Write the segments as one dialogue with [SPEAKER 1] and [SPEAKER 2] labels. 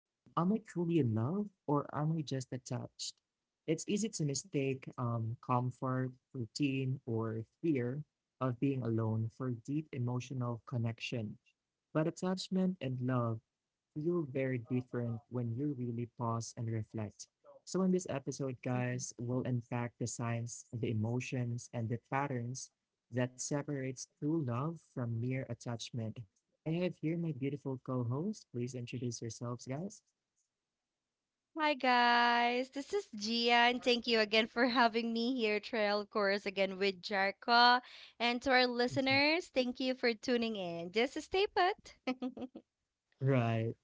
[SPEAKER 1] Am I truly in love or am I just attached? It's easy to mistake comfort, routine, or fear of being alone for deep emotional connection. But attachment and love feel very different when you really pause and reflect. So, in this episode, guys, we'll unpack the signs, the emotions, and the patterns that separates true love from mere attachment. I have here my beautiful co-host. Please introduce yourselves, guys.
[SPEAKER 2] Hi guys, this is Gia, and thank you again for having me here, Trail, of course, again with Jarka. And to our
[SPEAKER 1] Mhm.
[SPEAKER 2] listeners, thank you for tuning in. Just stay put.
[SPEAKER 1] Right,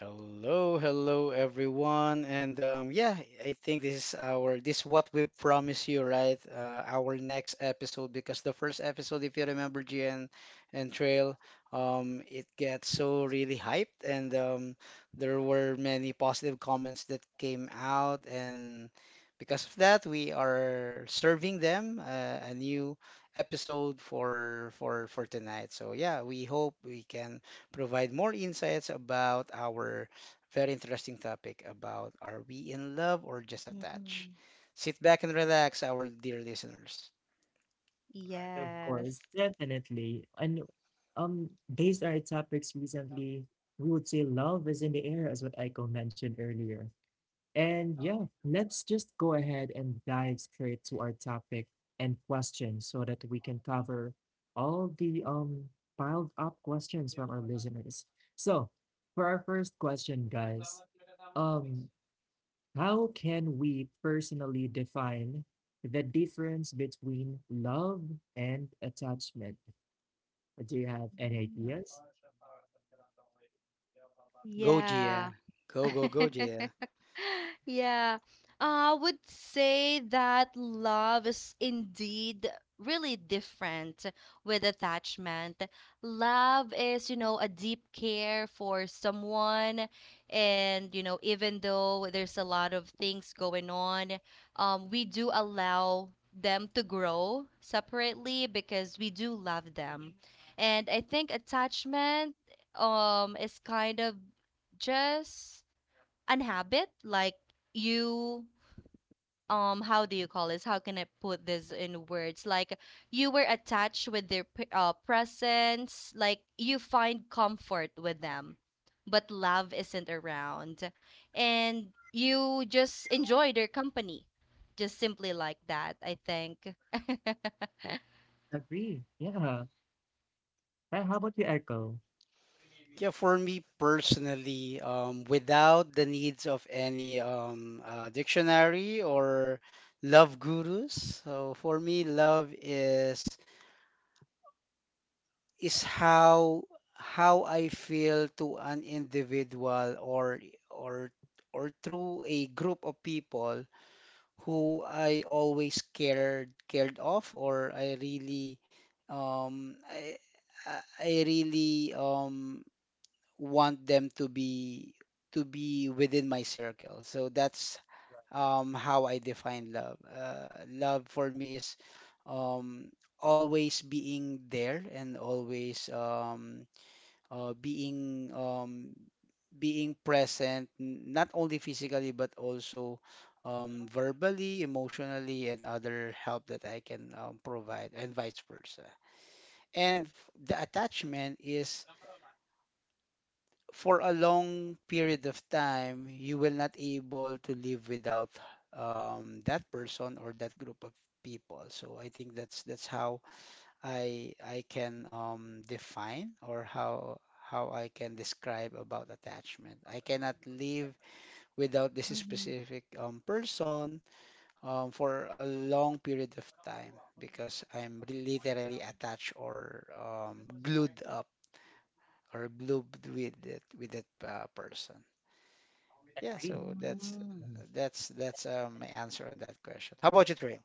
[SPEAKER 3] Hello, hello everyone. And I think this is our this what we promised you, right? Our next episode, because the first episode, if you remember GN and Trail, it gets so really hyped, and there were many positive comments that came out. And because of that, we are serving them a new episode for tonight. So yeah, we hope we can provide more insights about our very interesting topic about, are we in love or just attached?
[SPEAKER 2] Mhm.
[SPEAKER 3] Sit back and relax, our dear listeners.
[SPEAKER 1] right, of
[SPEAKER 2] Yes.
[SPEAKER 1] course, definitely. And based on our topics recently, we would say love is in the air, as what Aiko mentioned earlier. And yeah, let's just go ahead and dive straight to our topic and questions so that we can cover all the piled up questions from our listeners. So, for our first question, guys, um, how can we personally define the difference between love and attachment? Do you have any ideas?
[SPEAKER 3] Go,
[SPEAKER 2] Yeah.
[SPEAKER 3] Gia. Go, go, go, Gia.
[SPEAKER 2] Yeah. I would say that love is indeed really different with attachment. Love is, you know, a deep care for someone. And, you know, even though there's a lot of things going on, we do allow them to grow separately because we do love them. And I think attachment, is kind of just an habit like you, how do you call this? How can I put this in words? Like you were attached with their presence, like you find comfort with them, but love isn't around and you just enjoy their company, just simply like that, I think.
[SPEAKER 1] Agree. Yeah. How about you, Echo?
[SPEAKER 3] Yeah, for me personally, without the needs of any dictionary or love gurus, so for me, love is is how how I feel to an individual or or through a group of people who I always cared of. Or um I I really want them to be within my circle. So that's how I define love. Love for me is um always being there and always being being present, not only physically, but also verbally, emotionally, and other help that I can provide, and vice versa. And the attachment is, for a long period of time, you will not able to live without that person or that group of people. So I think that's that's how I can define, or how I can describe about attachment. I cannot live without this
[SPEAKER 2] Mm-hmm.
[SPEAKER 3] specific person for a long period of time, because I'm literally attached or glued up, or glued with it, with that person. Yeah,
[SPEAKER 1] Agree.
[SPEAKER 3] so that's
[SPEAKER 2] Mm-hmm.
[SPEAKER 3] my answer on that question. How about you, Trail?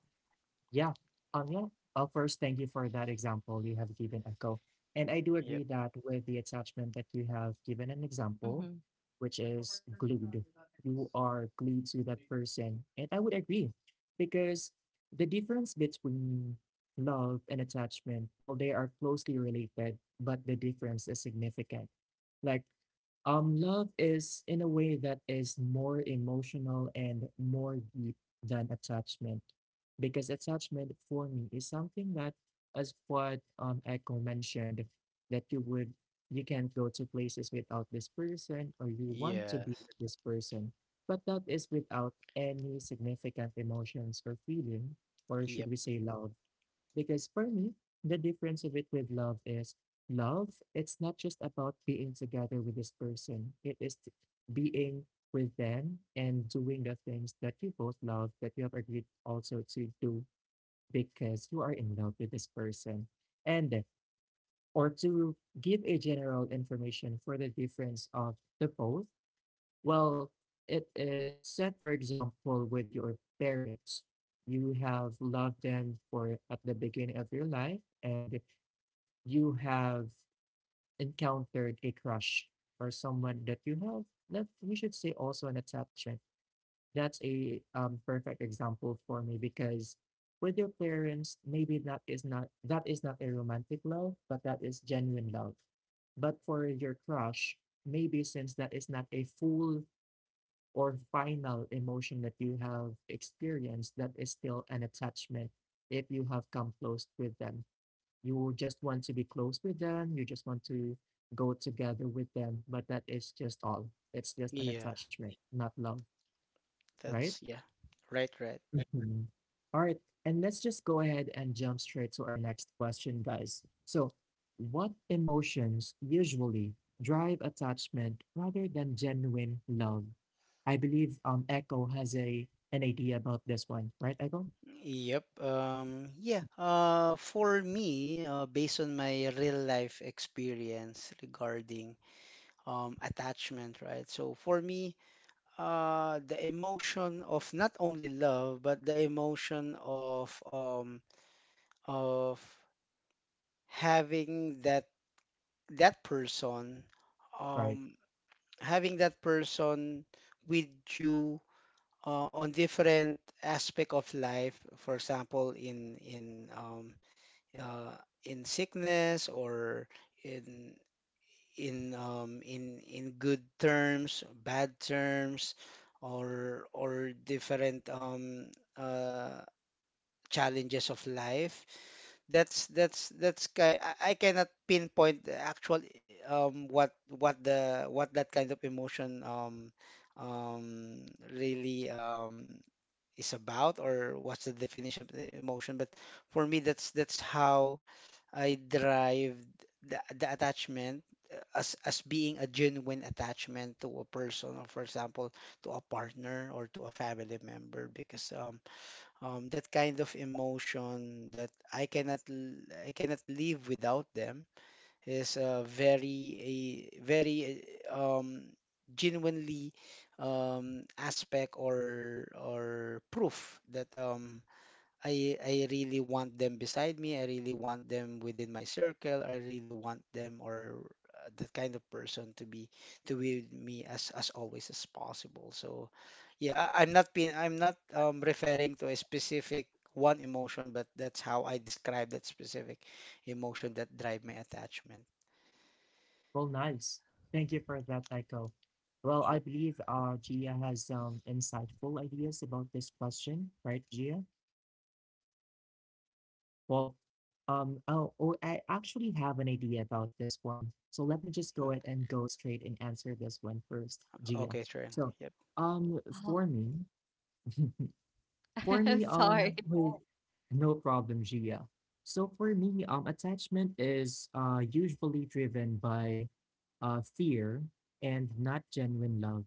[SPEAKER 1] Yeah. Um, yeah. First, thank you for that example you have given, Echo. And I do
[SPEAKER 3] Yep.
[SPEAKER 1] agree that with the attachment that you have given an example,
[SPEAKER 2] Mm-hmm.
[SPEAKER 1] which is glued, you are glued to that person. And I would agree because the difference between love and attachment, well, they are closely related, but the difference is significant. Like, love is in a way that is more emotional and more deep than attachment because attachment for me is something that, as what Echo mentioned, that you can't go to places without this person or you want to be
[SPEAKER 3] Yes.
[SPEAKER 1] with this person, but that is without any significant emotions or feeling, or should
[SPEAKER 3] Yep.
[SPEAKER 1] we say love because for me, the difference of it with love is love, it's not just about being together with this person, it is being with them and doing the things that you both love, that you have agreed also to do because you are in love with this person. And or to give a general information for the difference of the both well, it is set, for example, with your parents. You have loved them for at the beginning of your life, and you have encountered a crush or someone that you have that we should say also an attachment. That's a perfect example for me because with your parents, maybe that is not a romantic love, but that is genuine love. But for your crush, maybe since that is not a full or final emotion that you have experienced that is still an attachment if you have come close with them. You just want to be close with them, you just want to go together with them, but that is just all. It's just an
[SPEAKER 3] Yeah.
[SPEAKER 1] attachment, not love, right?
[SPEAKER 3] That's yeah. Right. Right.
[SPEAKER 1] Mhm. All right, and let's just go ahead and jump straight to our next question, guys. So, what emotions usually drive attachment rather than genuine love? I believe Echo has a an idea about this one, right, Echo?
[SPEAKER 3] Yep. Yeah. For me, based on my real life experience regarding attachment, right? So for me, the emotion of not only love, but the emotion of of having that that person,
[SPEAKER 1] Right.
[SPEAKER 3] um, having that person with you on different aspect of life. For example, uh, in sickness or in in in good terms, bad terms, or different uh, challenges of life. That's ki I cannot pinpoint the actual what the what that kind of emotion um, really is about, or what's the definition of the emotion. But for me, that's that's how I drive the attachment as being a genuine attachment to a person, or for example to a partner or to a family member, because that kind of emotion that I cannot live without them is a very uh, um genuinely aspect or proof that I really want them beside me. I really want them within my circle. I really want them, or that kind of person to be with me as always as possible. So yeah, I'm not referring to a specific one emotion, but that's how I describe that specific emotion that drive my attachment.
[SPEAKER 1] Well, nice. Thank you for that, Echo. Well, I
[SPEAKER 3] Yep.
[SPEAKER 1] believe Gia has insightful ideas about this question, right, Gia? Well, oh, I actually have an idea about this one. So let me just go
[SPEAKER 3] Mm.
[SPEAKER 1] ahead and go straight and answer this one first, Gia.
[SPEAKER 3] Okay, sure.
[SPEAKER 1] So,
[SPEAKER 3] Yep.
[SPEAKER 1] um,
[SPEAKER 2] Oh.
[SPEAKER 1] for me, For
[SPEAKER 2] I'm
[SPEAKER 1] me,
[SPEAKER 2] sorry.
[SPEAKER 1] oh, no problem, Gia. So for me, attachment is usually driven by fear and not genuine love.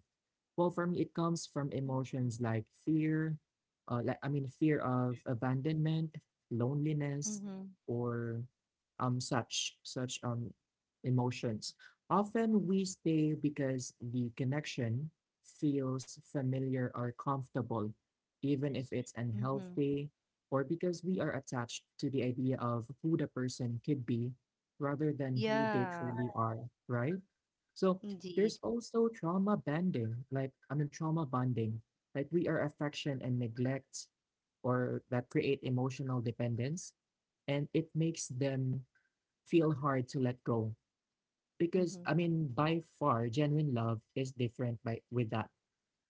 [SPEAKER 1] Well, for me, it comes from emotions like fear, I mean, fear of abandonment, loneliness,
[SPEAKER 2] Mm-hmm.
[SPEAKER 1] or such such emotions. Often we stay because the connection feels familiar or comfortable, even if it's
[SPEAKER 2] Mm-hmm.
[SPEAKER 1] unhealthy, or because we are attached to the idea of who the person could be rather than who they
[SPEAKER 2] Yeah,
[SPEAKER 1] truly are, right? So there's
[SPEAKER 2] indeed.
[SPEAKER 1] also trauma bonding, like I mean trauma bonding, like we are affection and neglect or that create emotional dependence and it makes them feel hard to let go because
[SPEAKER 2] Mhm.
[SPEAKER 1] I mean by far genuine love is different by with that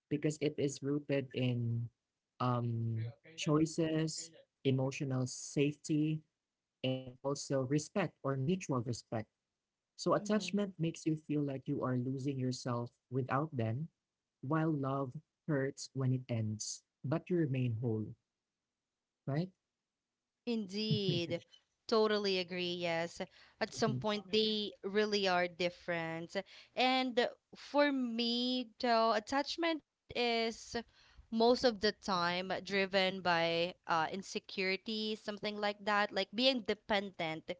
[SPEAKER 1] because it is rooted in choices, emotional safety, and also respect or mutual respect. So,
[SPEAKER 2] Mhm.
[SPEAKER 1] attachment makes you feel like you are losing yourself without them, while love hurts when it ends, but you remain whole, right?
[SPEAKER 2] Indeed. Totally agree. Yes. At some point, they really are different. And for me, though, attachment is most of the time driven by insecurity, something like that, like being dependent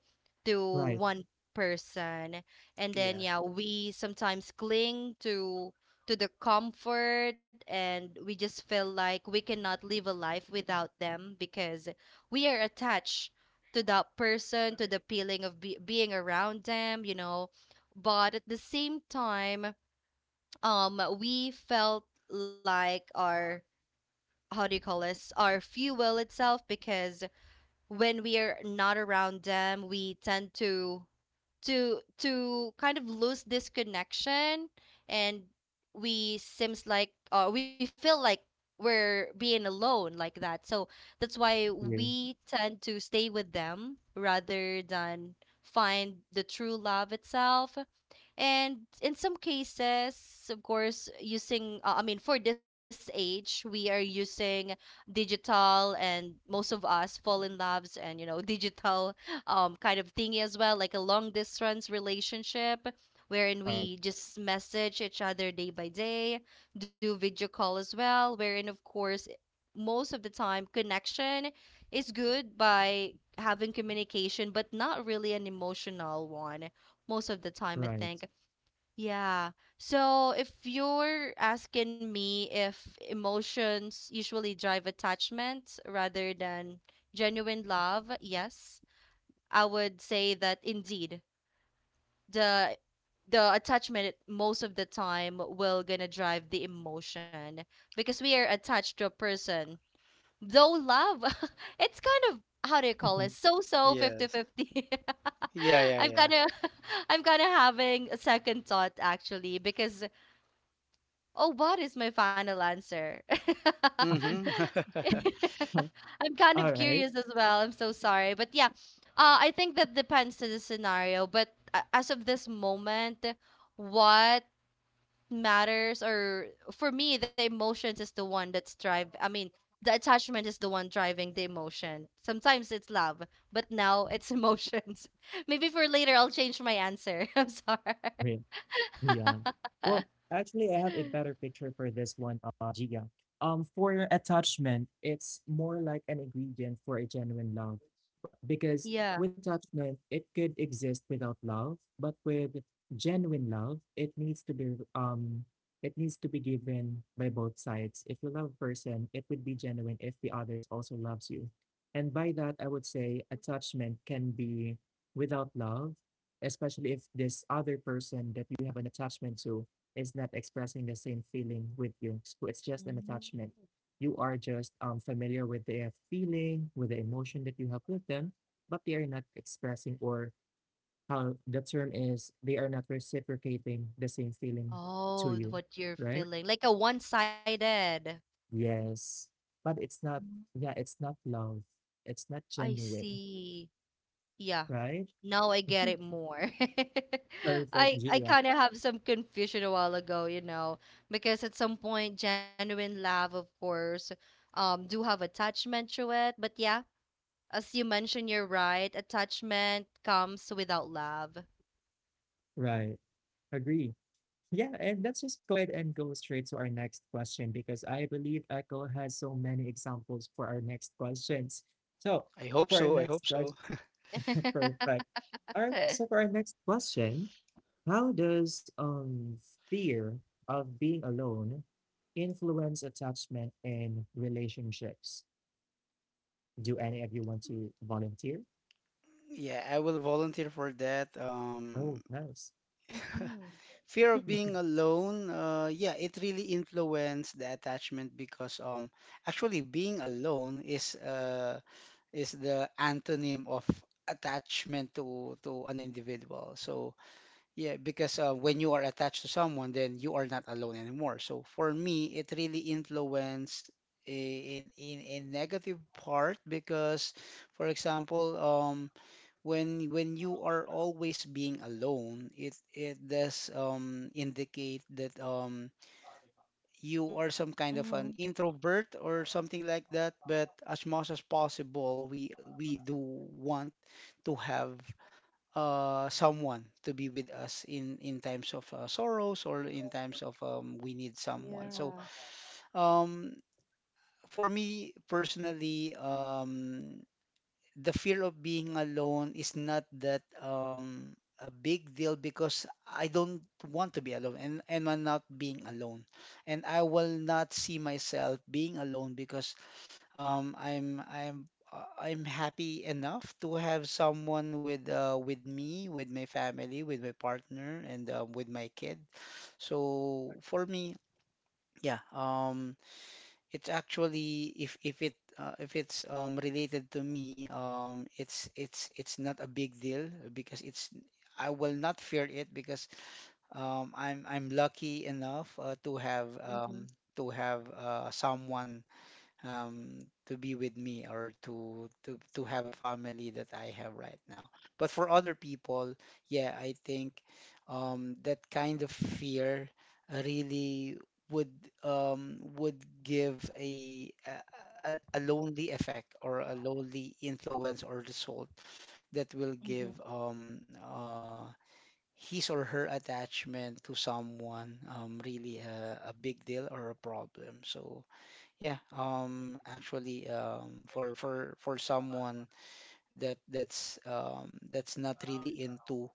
[SPEAKER 2] to
[SPEAKER 1] Right.
[SPEAKER 2] one person. And then,
[SPEAKER 3] Yeah.
[SPEAKER 2] yeah, we sometimes cling to the comfort and we just feel like we cannot live a life without them because we are attached to that person, to the feeling of being around them, you know. But at the same time, we felt like our, how do you call this? Our fuel itself, because when we are not around them we tend to to kind of lose this connection, and we seems like we feel like we're being alone, like that. So that's why
[SPEAKER 1] Agree.
[SPEAKER 2] we tend to stay with them rather than find the true love itself. And in some cases, of course, using, I mean, for this age, we are using digital, and most of us fall in loves and, you know, digital kind of thingy as well, like a long distance relationship wherein
[SPEAKER 1] Right.
[SPEAKER 2] we just message each other day by day, do video call as well, wherein, of course, most of the time, connection is good by having communication, but not really an emotional one most of the time, I
[SPEAKER 1] Right.
[SPEAKER 2] think. Yeah. So if you're asking me if emotions usually drive attachment rather than genuine love, yes, I would say that indeed the the attachment most of the time will gonna drive the emotion because we are attached to a person. Though love, it's kind of, how do you call it? So so 50
[SPEAKER 3] Yes. Yeah, yeah,
[SPEAKER 2] I'm
[SPEAKER 3] yeah.
[SPEAKER 2] kind of I'm kind of having a second thought actually because, oh, what is my final answer?
[SPEAKER 3] Mm-hmm.
[SPEAKER 2] I'm kind
[SPEAKER 1] All
[SPEAKER 2] of
[SPEAKER 1] right.
[SPEAKER 2] curious as well. I'm so sorry. But yeah, I think that depends to the scenario. But as of this moment, what matters, or for me, the emotions is the one that's drive. I mean, the attachment is the one driving the emotion. Sometimes it's love, but now it's emotions. Maybe for later, I'll change my answer. I'm sorry.
[SPEAKER 1] Yeah. Well, actually, I have a better picture for this one, Gia. For attachment, it's more like an ingredient for a genuine love, but because
[SPEAKER 2] Yeah.
[SPEAKER 1] with attachment, it could exist without love, but with genuine love, it needs to be it needs to be given by both sides. If you love a person, it would be genuine if the others also loves you, and by that, I would say attachment can be without love, especially if this other person that you have an attachment to is not expressing the same feeling with you. So it's just an attachment. You are just familiar with their feeling, with the emotion that you have with them, but they are not expressing, or how the term is, they are not reciprocating the same feeling to
[SPEAKER 2] Oh,
[SPEAKER 1] you,
[SPEAKER 2] what you're
[SPEAKER 1] right?
[SPEAKER 2] feeling. Like a one-sided.
[SPEAKER 1] Yes. But it's not, yeah, it's not love. It's not
[SPEAKER 2] I
[SPEAKER 1] genuine,
[SPEAKER 2] see. Yeah,
[SPEAKER 1] right?
[SPEAKER 2] now I get it more.
[SPEAKER 1] Perfect,
[SPEAKER 2] I
[SPEAKER 1] Gia.
[SPEAKER 2] kind of have some confusion a while ago, you know, because at some point genuine love, of course, do have attachment to it, but yeah, as you mentioned, you're right. Attachment comes without love.
[SPEAKER 1] Right. Agree. Yeah, and let's just go ahead and go straight to our next question because I believe Echo has so many examples for our next questions. So
[SPEAKER 3] I hope
[SPEAKER 1] for our
[SPEAKER 3] so. I hope
[SPEAKER 1] next
[SPEAKER 3] so.
[SPEAKER 1] question, perfect. All right, so for our next question, how does fear of being alone influence attachment in relationships? Do any of you want to volunteer?
[SPEAKER 3] Yeah, I will volunteer for that.
[SPEAKER 1] Oh, nice.
[SPEAKER 2] Mm-hmm.
[SPEAKER 3] Fear of being alone, yeah, it really influenced the attachment, because actually being alone is the antonym of attachment to an individual. So yeah, because when you are attached to someone, then you are not alone anymore. So for me, it really influenced in a negative part because, for example, when you are always being alone, it does indicate that you are some kind of an introvert or something like that. But as much as possible, we do want to have someone to be with us in times of sorrows, or in times of we need
[SPEAKER 2] Yeah.
[SPEAKER 3] someone. So um for me personally, the fear of being alone is not that a big deal, because I don't want to be alone, and I'm not being alone, and I will not see myself being alone, because I'm happy enough to have someone with me, with my family, with my partner, and with my kid. So for me, yeah, it's actually, if it's related to me, it's it's not a big deal because it's, I will not fear it because I'm lucky enough to have
[SPEAKER 2] Mm-hmm.
[SPEAKER 3] someone um, to be with me, or to have a family that I have right now. But for other people, yeah, I think that kind of fear really would would give a, a a lonely effect, or a lonely influence or result that will
[SPEAKER 2] Hmm.
[SPEAKER 3] give his or her attachment to someone really a big deal or a problem. So yeah, actually, for someone that's not really into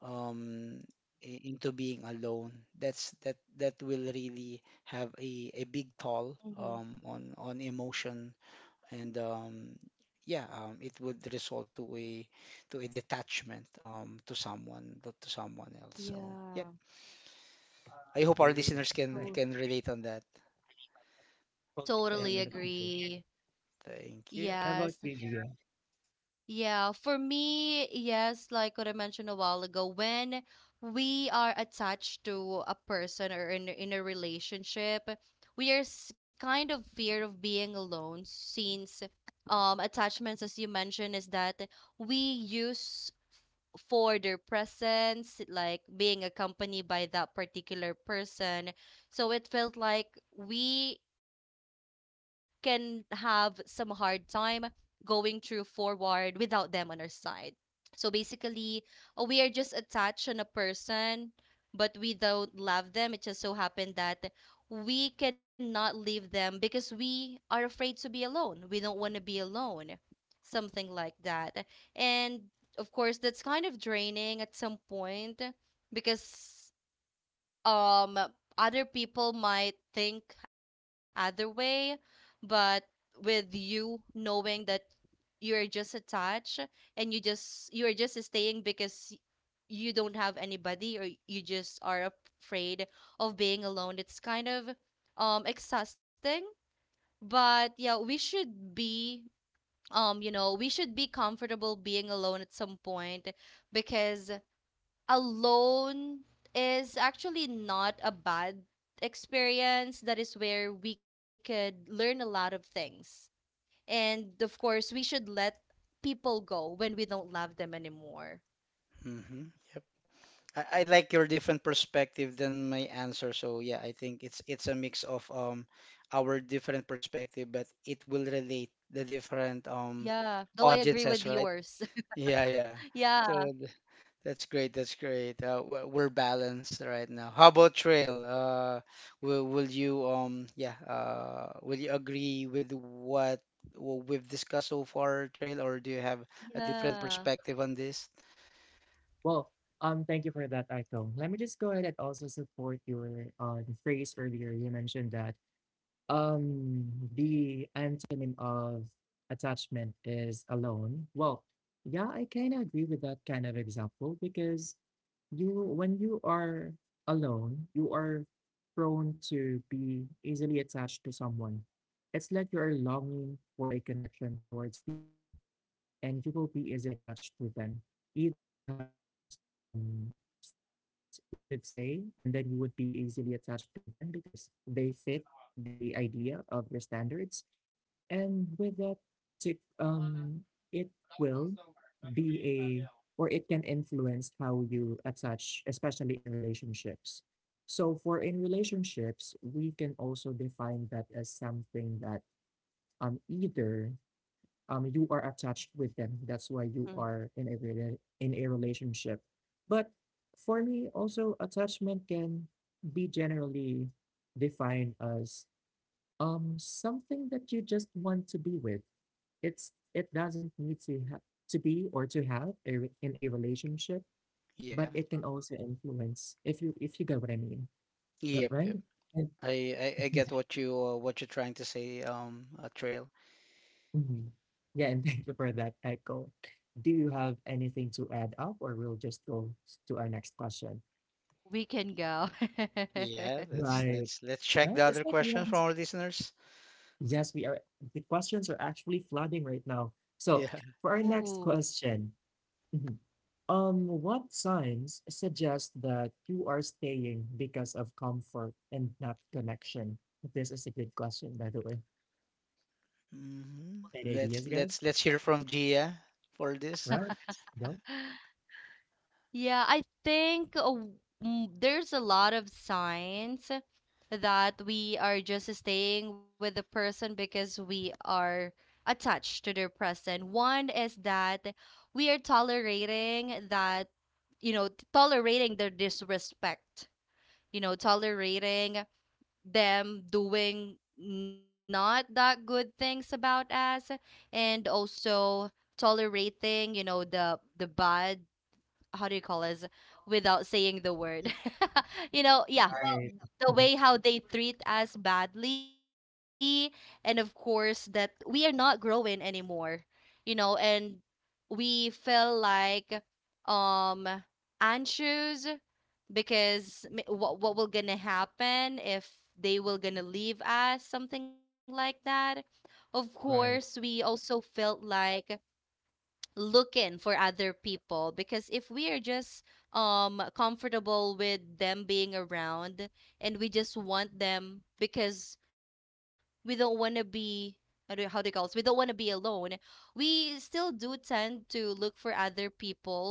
[SPEAKER 3] um into being alone, that's that will really have a big toll
[SPEAKER 2] Hmm.
[SPEAKER 3] on emotion. And yeah, it would result to a detachment to someone, to someone else. So
[SPEAKER 2] Yeah.
[SPEAKER 3] yep, I hope our
[SPEAKER 1] Agree.
[SPEAKER 3] listeners
[SPEAKER 1] Right.
[SPEAKER 3] can relate on that.
[SPEAKER 1] Well,
[SPEAKER 2] Totally
[SPEAKER 1] they definitely
[SPEAKER 3] Thank you,
[SPEAKER 1] do.
[SPEAKER 2] agree.
[SPEAKER 3] thank you.
[SPEAKER 1] How
[SPEAKER 2] Yes.
[SPEAKER 1] about you,
[SPEAKER 2] Yeah. For me, yes, like what I mentioned a while ago, when we are attached to a person or in a relationship, we are kind of fear of being alone since attachments, as you mentioned, is that we use for their presence, like being accompanied by that particular person. So it felt like we can have some hard time going through forward without them on our side. So basically, we are just attached on a person, but we don't love them. It just so happened that we cannot leave them because we are afraid to be alone. We don't want to be alone, something like that. And of course, that's kind of draining at some point because um other people might think other way, but with you knowing that you're just attached and you're just staying because you don't have anybody or you just are afraid of being alone, it's kind of exhausting. But yeah, we should be, you know, we should be comfortable being alone at some point, because alone is actually not a bad experience. That is where we could learn a lot of things. And of course, we should let people go when we don't love them anymore.
[SPEAKER 3] Mm-hmm. Yep. I like your different perspective than my answer. So yeah, I think it's a mix of our different perspective, but it will relate the
[SPEAKER 2] Yeah, though
[SPEAKER 3] different
[SPEAKER 2] I agree with yours.
[SPEAKER 3] audiences, right? Yeah,
[SPEAKER 2] Yeah,
[SPEAKER 3] yeah. So that's great. That's great. We're balanced right now. How about Trail? Will you will you agree with what we've discussed so far, Trail, or do you have a different
[SPEAKER 2] yeah.
[SPEAKER 3] perspective on this?
[SPEAKER 1] Well, thank you for that, Aiko. Let me just go ahead and also support your the phrase earlier. You mentioned that um, the antonym of attachment is alone. Well, yeah, I kind of agree with that kind of example because you, when you are alone, you are prone to be easily attached to someone. It's like you're longing for a connection towards people and you will be easily attached to them. Either you have some standards, we should say, and then you would be easily attached to them because they fit the idea of the standards. And with that, to, um, it will be a, or it can influence how you attach, especially in relationships. So for in relationships, we can also define that as something that either you are attached with them. That's why
[SPEAKER 2] Mm.
[SPEAKER 1] you are in a in a relationship. But for me, also attachment can be generally defined as something that you just want to be with. It's it doesn't need to be or to have a, in a relationship, but
[SPEAKER 3] Yeah.
[SPEAKER 1] it can also influence if you get what I mean,
[SPEAKER 3] Yep.
[SPEAKER 1] right?
[SPEAKER 3] Yep.
[SPEAKER 1] And,
[SPEAKER 3] I, I get what you what you're trying to say, Trail.
[SPEAKER 1] Mhm. Yeah, and thank you for that echo. Do you have anything to add up, or we'll just go to our next question?
[SPEAKER 2] We can go.
[SPEAKER 3] Yeah, let's
[SPEAKER 1] Right.
[SPEAKER 3] let's check
[SPEAKER 1] Right.
[SPEAKER 3] the
[SPEAKER 1] It's
[SPEAKER 3] other
[SPEAKER 1] like we
[SPEAKER 3] questions from
[SPEAKER 1] have-
[SPEAKER 3] our listeners.
[SPEAKER 1] yes, we are. The questions are actually flooding right now. So
[SPEAKER 3] Yeah.
[SPEAKER 1] for our
[SPEAKER 2] Ooh.
[SPEAKER 1] next question. What signs suggest that you are staying because of comfort and not connection? This is a good question, by the way. Any ideas,
[SPEAKER 3] Let's let's
[SPEAKER 1] guys?
[SPEAKER 3] let's hear from Gia for this.
[SPEAKER 1] Right? No?
[SPEAKER 2] Yeah, I think there's a lot of signs that we are just staying with the person because we are attached to their present. One is that we are tolerating that, you know, tolerating their disrespect, you know, tolerating them doing not that good things about us, and also tolerating, you know, the bad, how do you call this without saying the word? You know, yeah,
[SPEAKER 1] Right,
[SPEAKER 2] the way how they treat us badly. And of course, that we are not growing anymore, you know. And we feel like um anxious because, what will gonna happen if they will gonna leave us, something like that. Of course
[SPEAKER 1] right.
[SPEAKER 2] we also felt like looking for other people, because if we are just comfortable with them being around, and we just want them because we don't want to be, I don't know how they call us, we don't want to be alone, we still do tend to look for other people.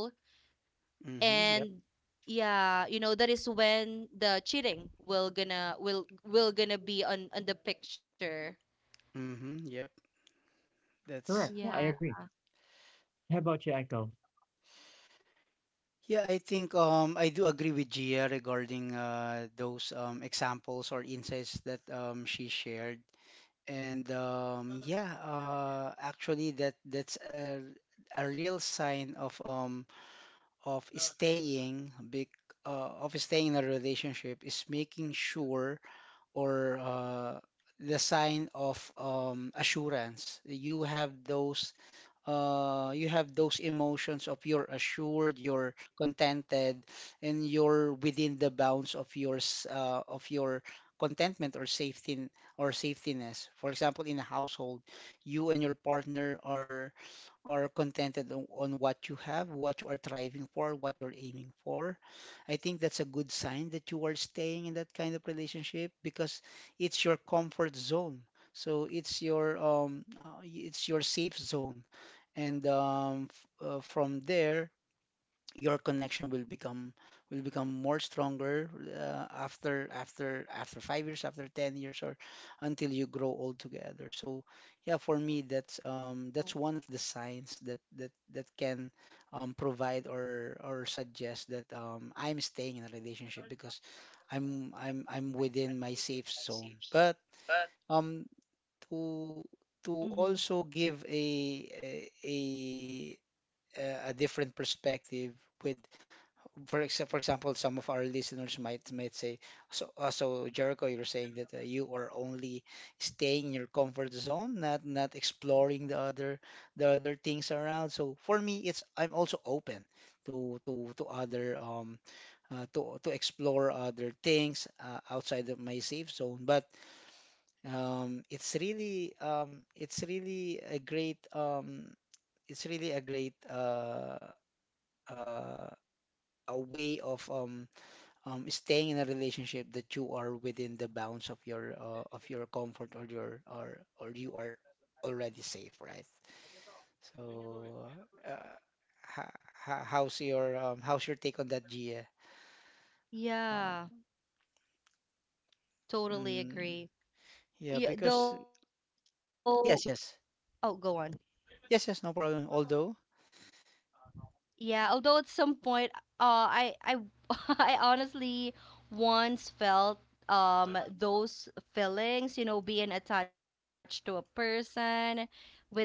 [SPEAKER 3] Yep.
[SPEAKER 2] And yeah, you know, that is when the cheating will will gonna be on the picture.
[SPEAKER 3] Yep.
[SPEAKER 1] Correct.
[SPEAKER 3] That's
[SPEAKER 1] Yeah, I
[SPEAKER 2] Yeah.
[SPEAKER 1] agree. How about you, Echo?
[SPEAKER 3] yeah. I think I do agree with Gia regarding those examples or insights that she shared. And yeah, actually that that's a real sign of staying big, of staying in a relationship, is making sure, or the sign of assurance. You have those you have those emotions of, you're assured, you're contented, and you're within the bounds of your of your contentment or safety or safetiness. For example, in a household, you and your partner are, or contented on what you have, what you are striving for, what you're aiming for. I think that's a good sign that you are staying in that kind of relationship, because it's your comfort zone. So it's your safe zone. And f from there, your connection will become more stronger after 5 years, after 10 years, or until you grow old together. So yeah, for me, that's one of the signs that that can provide or suggest that I'm staying in a relationship because I'm I'm within my safe zone. But um
[SPEAKER 2] Mm-hmm.
[SPEAKER 3] to also give a a different perspective with, for example, some of our listeners might say, so Jericho, you're saying that you are only staying in your comfort zone, not exploring the other things around. So for me, it's, I'm also open to other to explore other things outside of my safe zone. But it's really a great it's really a great uh uh a way of staying in a relationship that you are within the bounds of your comfort, or your, or you are already safe, right? So, uh, ha ha- how's your take on that, Gia? Uh,
[SPEAKER 2] Yeah, totally
[SPEAKER 3] mm,
[SPEAKER 2] agree.
[SPEAKER 3] yeah,
[SPEAKER 2] Yeah,
[SPEAKER 3] because
[SPEAKER 2] though. Oh, go
[SPEAKER 3] yes,
[SPEAKER 2] on.
[SPEAKER 3] yes, yes, no problem. Although,
[SPEAKER 2] Yeah, although at some point, I I honestly once felt those feelings, you know, being attached to a person without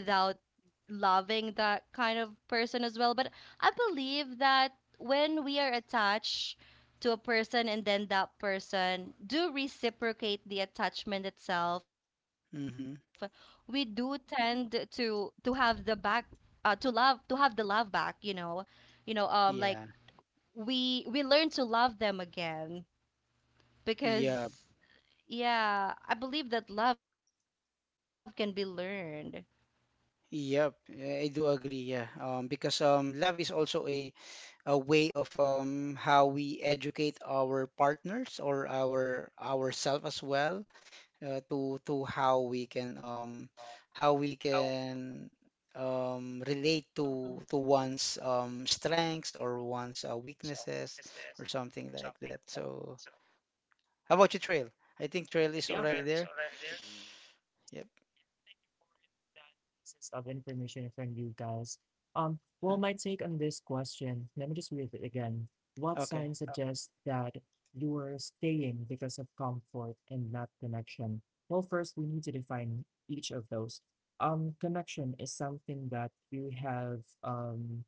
[SPEAKER 2] loving that kind of person as well. But I believe that when we are attached to a person and then that person do reciprocate the attachment itself, we do
[SPEAKER 3] mm-hmm,
[SPEAKER 2] tend to have the back, to love, to have the love back, you know. You know, like
[SPEAKER 3] yeah,
[SPEAKER 2] we learn to love them again
[SPEAKER 3] yeah,
[SPEAKER 2] because, yeah, I believe that love can be learned.
[SPEAKER 3] yep, I do agree. Yeah, because love is also a way of how we educate our partners or our ourselves as well, to how we can how we can relate
[SPEAKER 2] Mhm.
[SPEAKER 3] to one's strengths or one's weaknesses or something like that. So how about you, Trail? I think Trail is
[SPEAKER 1] Yeah.
[SPEAKER 3] already there. Yep.
[SPEAKER 1] Pieces of information from you guys. Well, my
[SPEAKER 3] Okay.
[SPEAKER 1] take on this question, let me just read it again. What
[SPEAKER 3] Okay.
[SPEAKER 1] sign suggests that you are staying because of comfort and not connection? Well, first, we need to define each of those. Connection is something that you have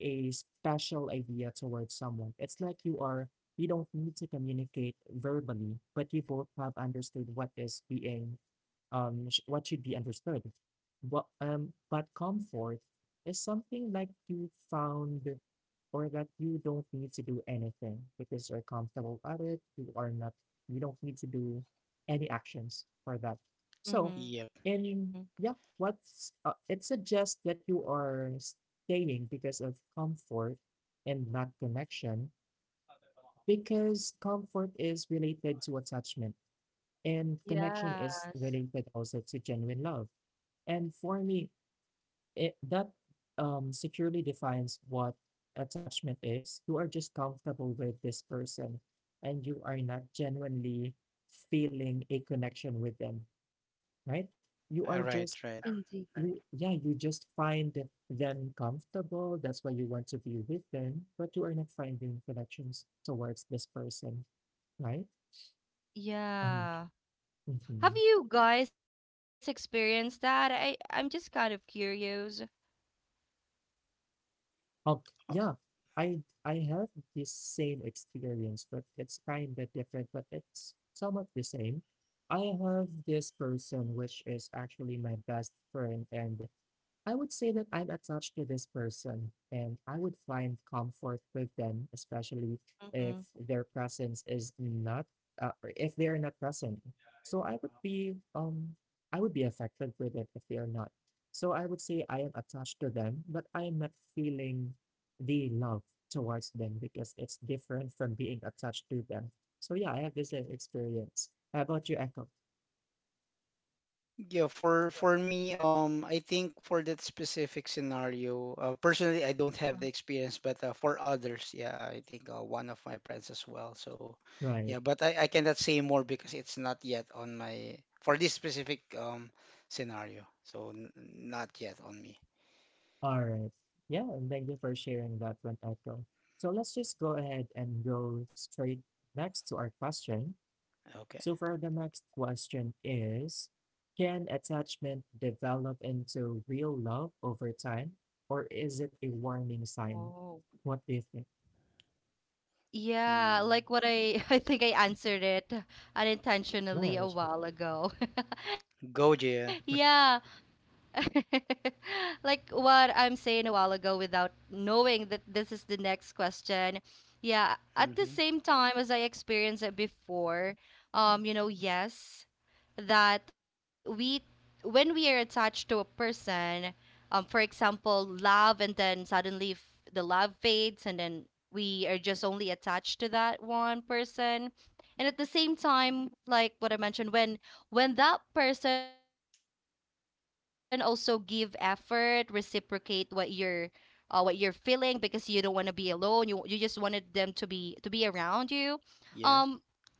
[SPEAKER 1] a special idea towards someone. It's like you are, you don't need to communicate verbally, but you both have understood what is being, what should be understood. But, comfort is something like you found or that you don't need to do anything because you're comfortable at it. You are not, you don't need to do any actions for that. So,
[SPEAKER 2] Mm-hmm.
[SPEAKER 3] Yep.
[SPEAKER 1] and yeah, what's it suggests that you are staying because of comfort and not connection because comfort is related to attachment and connection is
[SPEAKER 2] Yes.
[SPEAKER 1] related also to genuine love. And for me, it, that securely defines what attachment is. You are just comfortable with this person and you are not genuinely feeling a connection with them right? You are
[SPEAKER 3] All right.
[SPEAKER 1] just
[SPEAKER 3] Right.
[SPEAKER 2] Indeed.
[SPEAKER 1] you yeah, you just find that them comfortable. That's why you want to be with them, but you are not finding connections towards this person, right? Um,
[SPEAKER 2] Yeah. Have
[SPEAKER 1] mhm.
[SPEAKER 2] you guys experienced that? I'm just kind of curious.
[SPEAKER 1] Oh, yeah. I have this same experience, but it's kind of different, but it's somewhat the same. I have this person which is actually my best friend, and I would say that I'm attached to this person and I would find comfort with them, especially if their
[SPEAKER 2] Mm-hmm.
[SPEAKER 1] presence is not, or if they are not present. So I would be affected with it if they are not. So I would say I am attached to them, but I am not feeling the love towards them because it's different from being attached to them. So yeah, I have this experience. How about you, Echo?
[SPEAKER 3] Yeah, for me, I think for that specific scenario, personally, I don't have the experience, but for others, yeah, I think one of my friends as well. So,
[SPEAKER 1] Right.
[SPEAKER 3] yeah, but I cannot say more because it's not yet on my for this specific scenario. So n not yet on me.
[SPEAKER 1] All right. Yeah, and thank you for sharing that one, Echo. So let's just go ahead and go straight next to our question.
[SPEAKER 3] Okay.
[SPEAKER 1] So for the next question is, can attachment develop into real love over time, or is it a warning sign? What do you
[SPEAKER 2] Oh.
[SPEAKER 1] think?
[SPEAKER 3] Mm.
[SPEAKER 2] Yeah, like what I I think I answered it
[SPEAKER 1] Right.
[SPEAKER 2] unintentionally a while ago.
[SPEAKER 3] Go, Jia.
[SPEAKER 2] Yeah, like what I'm saying a while ago without knowing that this is the next question. Yeah, at
[SPEAKER 3] hmm
[SPEAKER 2] the same time as I experienced it before, you know, yes, that we, when we are attached to a person, for example, love, and then suddenly the love fades and then we are just only attached to that one person. And at the same time, like what I mentioned, when that person also give effort reciprocate what you're, what you're feeling, because you don't want to be alone, you just wanted them to be around you. um
[SPEAKER 3] Yeah,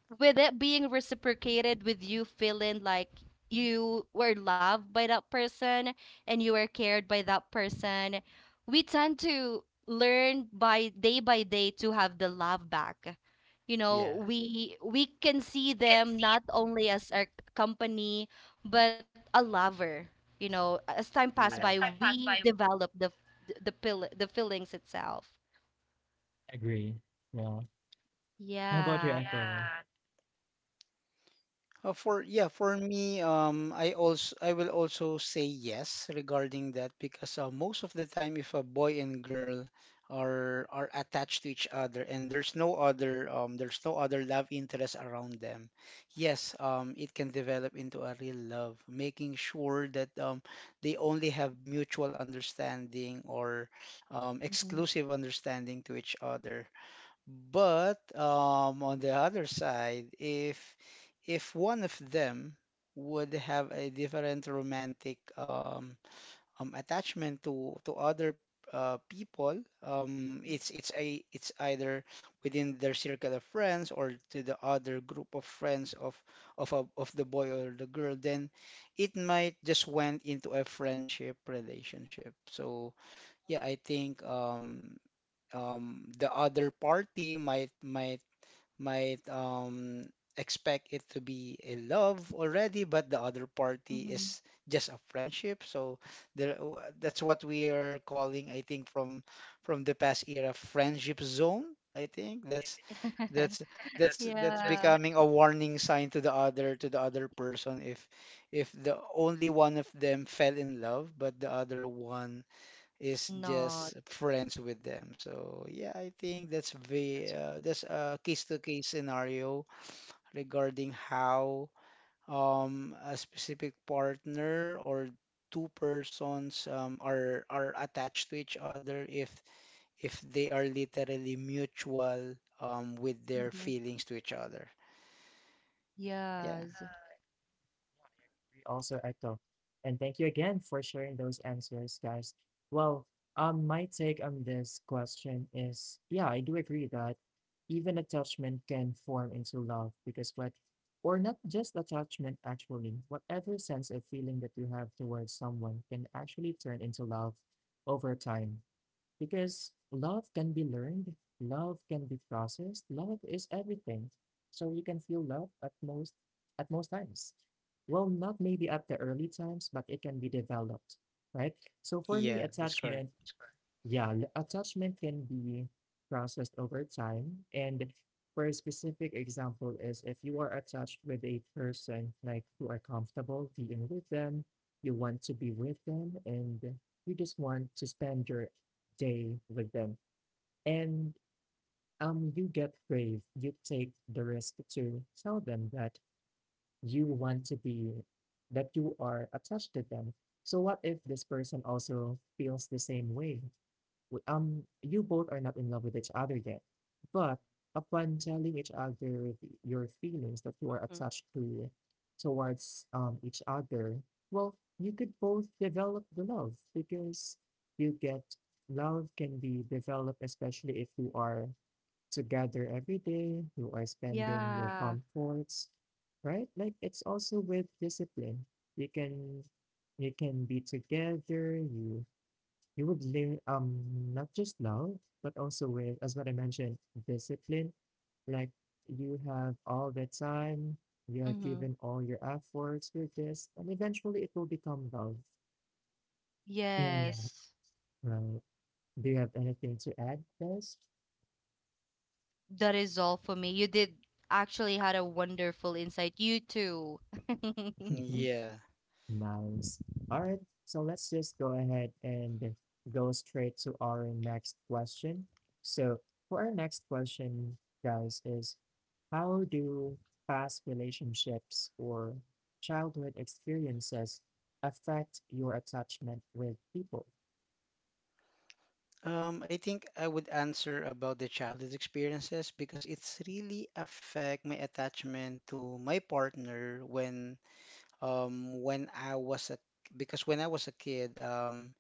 [SPEAKER 2] with it being reciprocated, with you feeling like you were loved by that person and you were cared by that person, we tend to learn by day to have the love back. You
[SPEAKER 3] yeah,
[SPEAKER 2] know, we can see them not only as our company but a lover. You know, as time passed by
[SPEAKER 3] yeah.
[SPEAKER 2] we develop the pill, the feelings itself.
[SPEAKER 1] Agree. Yeah. How about you,
[SPEAKER 2] Yeah.
[SPEAKER 1] Echo?
[SPEAKER 3] For for me, I will also say yes regarding that because most of the time, if a boy and girl are attached to each other and there's no other love interest around them, yes, it can develop into a real love, making sure that they only have mutual understanding or
[SPEAKER 2] Mhm.
[SPEAKER 3] exclusive understanding to each other. But on the other side, if one of them would have a different romantic attachment to other people, it's either within their circle of friends or to the other group of friends of of the boy or the girl, then it might just went into a friendship relationship. So
[SPEAKER 2] Oh.
[SPEAKER 3] yeah, I think the other party might expect it to be a love already, but the other party
[SPEAKER 2] Mhm.
[SPEAKER 3] is just a friendship. So that's what we are calling, I think, from the past era, friendship zone. I think that's that's
[SPEAKER 2] Yeah,
[SPEAKER 3] becoming a warning sign to the other person if the only one of them fell in love but the other one is
[SPEAKER 2] not.
[SPEAKER 3] just friends with them. So yeah, I think that's very that's a case-to-case scenario regarding how a specific partner or two persons are attached to each other if they are literally mutual with their
[SPEAKER 2] Mhm.
[SPEAKER 3] feelings to each other. Yeah,
[SPEAKER 2] Yes.
[SPEAKER 1] Yeah, I agree. Also, Echo. And thank you again for sharing those answers, guys. Well, my take on this question is, yeah, I do agree that even attachment can form into love because what, or not just attachment actually, whatever sense of feeling that you have towards someone can actually turn into love over time because love can be learned, love can be processed, love is everything. So you can feel love at most times. Well, not maybe at the early times, but it can be developed, right? So for me, yeah,
[SPEAKER 3] yeah, that's correct.
[SPEAKER 1] attachment, yeah, attachment can be processed over time. And for a specific example is if you are attached with a person, like you are comfortable being with them, you want to be with them, and you just want to spend your day with them. And you get brave, you take the risk to tell them that you want to be that you are attached to them. So what if this person also feels the same way? You both are not in love with each other yet, but upon telling each other your feelings that you are
[SPEAKER 2] Mhm.
[SPEAKER 1] attached to towards each other, well, you could both develop the love because you get love can be developed, especially if you are together every day, you are spending your
[SPEAKER 2] Yeah.
[SPEAKER 1] comforts, right? Like it's also with discipline. You can be together, you would learn, not just love, but also with, as what I mentioned, discipline. Like you have all the time, you are
[SPEAKER 2] Hmm.
[SPEAKER 1] given all your efforts with this, and eventually it will become love. And yeah,
[SPEAKER 2] Yes.
[SPEAKER 1] right. Do you have anything to add, Des?
[SPEAKER 2] That is all for me. You did actually had a wonderful insight. You too.
[SPEAKER 3] Yeah.
[SPEAKER 1] Nice. All right. So let's just go ahead and go straight to our next question. So for our next question, guys, is how do past relationships or childhood experiences affect your attachment with people?
[SPEAKER 3] I think I would answer about the childhood experiences because it's really affect my attachment to my partner when when I was a because when I was a kid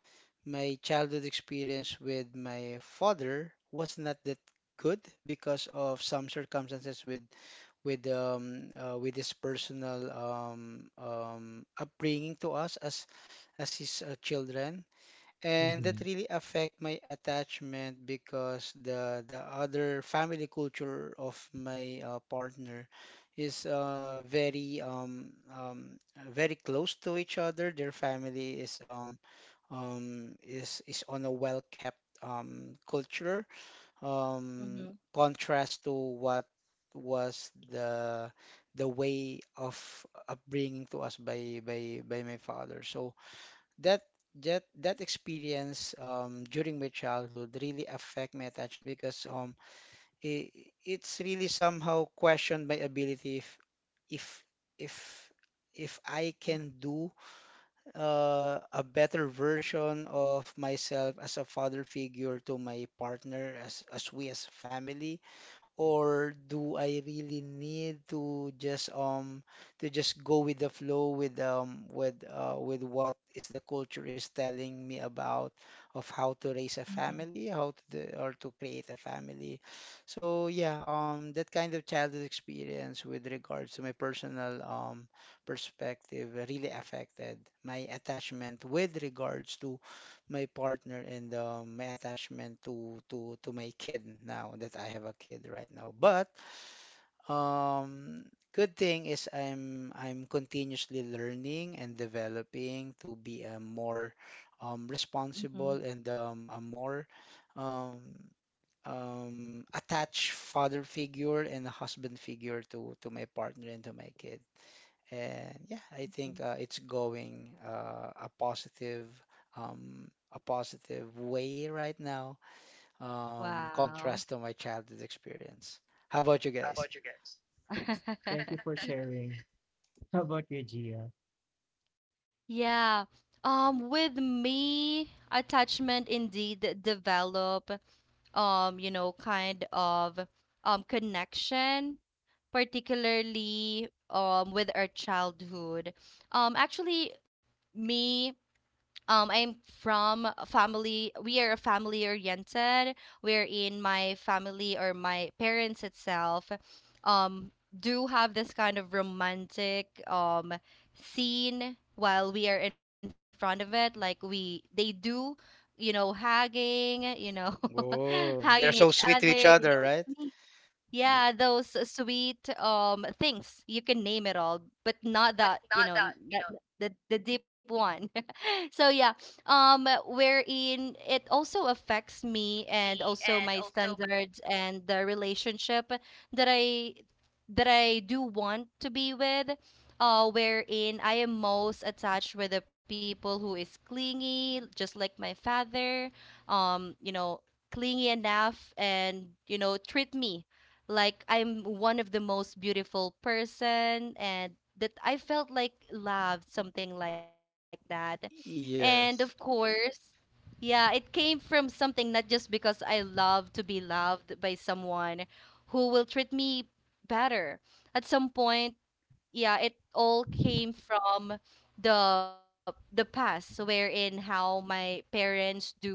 [SPEAKER 3] my childhood experience with my father was not that good because of some circumstances with with his personal upbringing to us as his children and that
[SPEAKER 1] Mhm.
[SPEAKER 3] really affect my attachment because the other family culture of my partner is very very close to each other. Their family is is on a well-kept culture um,
[SPEAKER 2] Mm-hmm.
[SPEAKER 3] contrast to what was the way of upbringing to us by by my father. So that that experience during my childhood really affect my attachment because it, it's really somehow questioned my ability if if if if I can do a better version of myself as a father figure to my partner as we as family or do I really need to just go with the flow with with what is the culture is telling me about of how to raise a
[SPEAKER 2] Mm-hmm.
[SPEAKER 3] family, how to do, or to create a family. So yeah, that kind of childhood experience with regards to my personal perspective really affected my attachment with regards to my partner and my attachment to to my kid now that I have a kid right now. But um, good thing is I'm continuously learning and developing to be a more responsible
[SPEAKER 2] Mm-hmm.
[SPEAKER 3] and a more um, attached father figure and a husband figure to my partner and to my kid. And yeah, I think
[SPEAKER 2] Mhm.
[SPEAKER 3] it's going a positive way right now, contrast to
[SPEAKER 2] Wow.
[SPEAKER 3] my childhood experience. How about you guys?
[SPEAKER 1] Thank you for sharing. How about you, Gia?
[SPEAKER 2] Yeah. With me, attachment indeed develop, you know, kind of connection, particularly with our childhood. Actually me I'm from a family, we are a family oriented. We're in my family, or my parents itself, um do have this kind of romantic scene while we are in front of it, like we, they do, you know, hugging, you know,
[SPEAKER 3] Whoa,
[SPEAKER 2] hugging
[SPEAKER 3] they're
[SPEAKER 2] each
[SPEAKER 3] so sweet
[SPEAKER 2] other,
[SPEAKER 3] to each
[SPEAKER 2] you
[SPEAKER 3] other, right?
[SPEAKER 2] know,
[SPEAKER 3] Th-
[SPEAKER 2] yeah, those sweet things. You can name it all, but not that, you know, that the deep one. So yeah, wherein it also affects me and also my standards and the relationship that I do want to be with. Wherein I am most attached with the people who is clingy, just like my father. You know, clingy enough and you know treat me like I'm one of the most beautiful person and that I felt like loved, something like that. And
[SPEAKER 3] Yes.
[SPEAKER 2] of course, yeah, it came from something not just because I love to be loved by someone who will treat me better. At some point, yeah, it all came from the past wherein how my parents do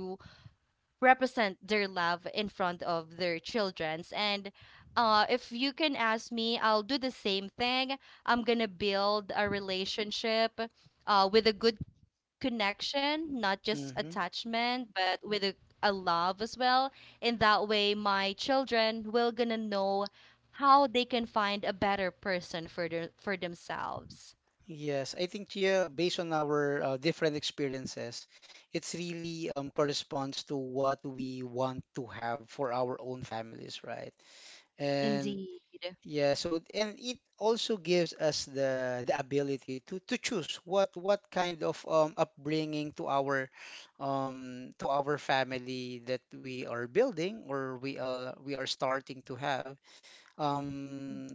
[SPEAKER 2] represent their love in front of their children's, and if you can ask me, I'll do the same thing. I'm gonna build a relationship with a good connection, not just
[SPEAKER 3] hmm
[SPEAKER 2] attachment but with a love as well. In that way my children will gonna know how they can find a better person for their, for themselves.
[SPEAKER 3] Yes, I think yeah, based on our different experiences, it's really corresponds to what we want to have for our own families, right? And
[SPEAKER 2] Indeed.
[SPEAKER 3] yeah, so and it also gives us the ability to choose what kind of upbringing to our family that we are building or we are starting to have.
[SPEAKER 2] Mhm.
[SPEAKER 3] Um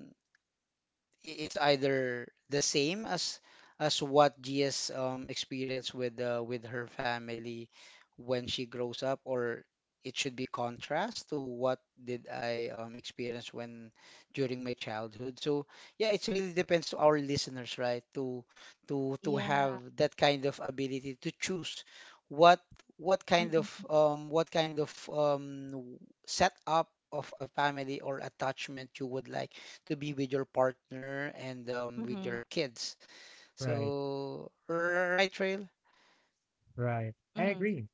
[SPEAKER 3] it's either the same as what Gia's experienced with her family when she grows up, or it should be contrast to what did I experience when during my childhood. So yeah, it really depends to our listeners, right? To to
[SPEAKER 2] Yeah.
[SPEAKER 3] have that kind of ability to choose what
[SPEAKER 2] Mhm.
[SPEAKER 3] what kind of setup of a family or attachment you would like to be with your partner and with
[SPEAKER 2] Mhm.
[SPEAKER 3] your kids.
[SPEAKER 1] Right,
[SPEAKER 3] So, right, Trail?
[SPEAKER 1] right.
[SPEAKER 2] Mhm.
[SPEAKER 1] I agree.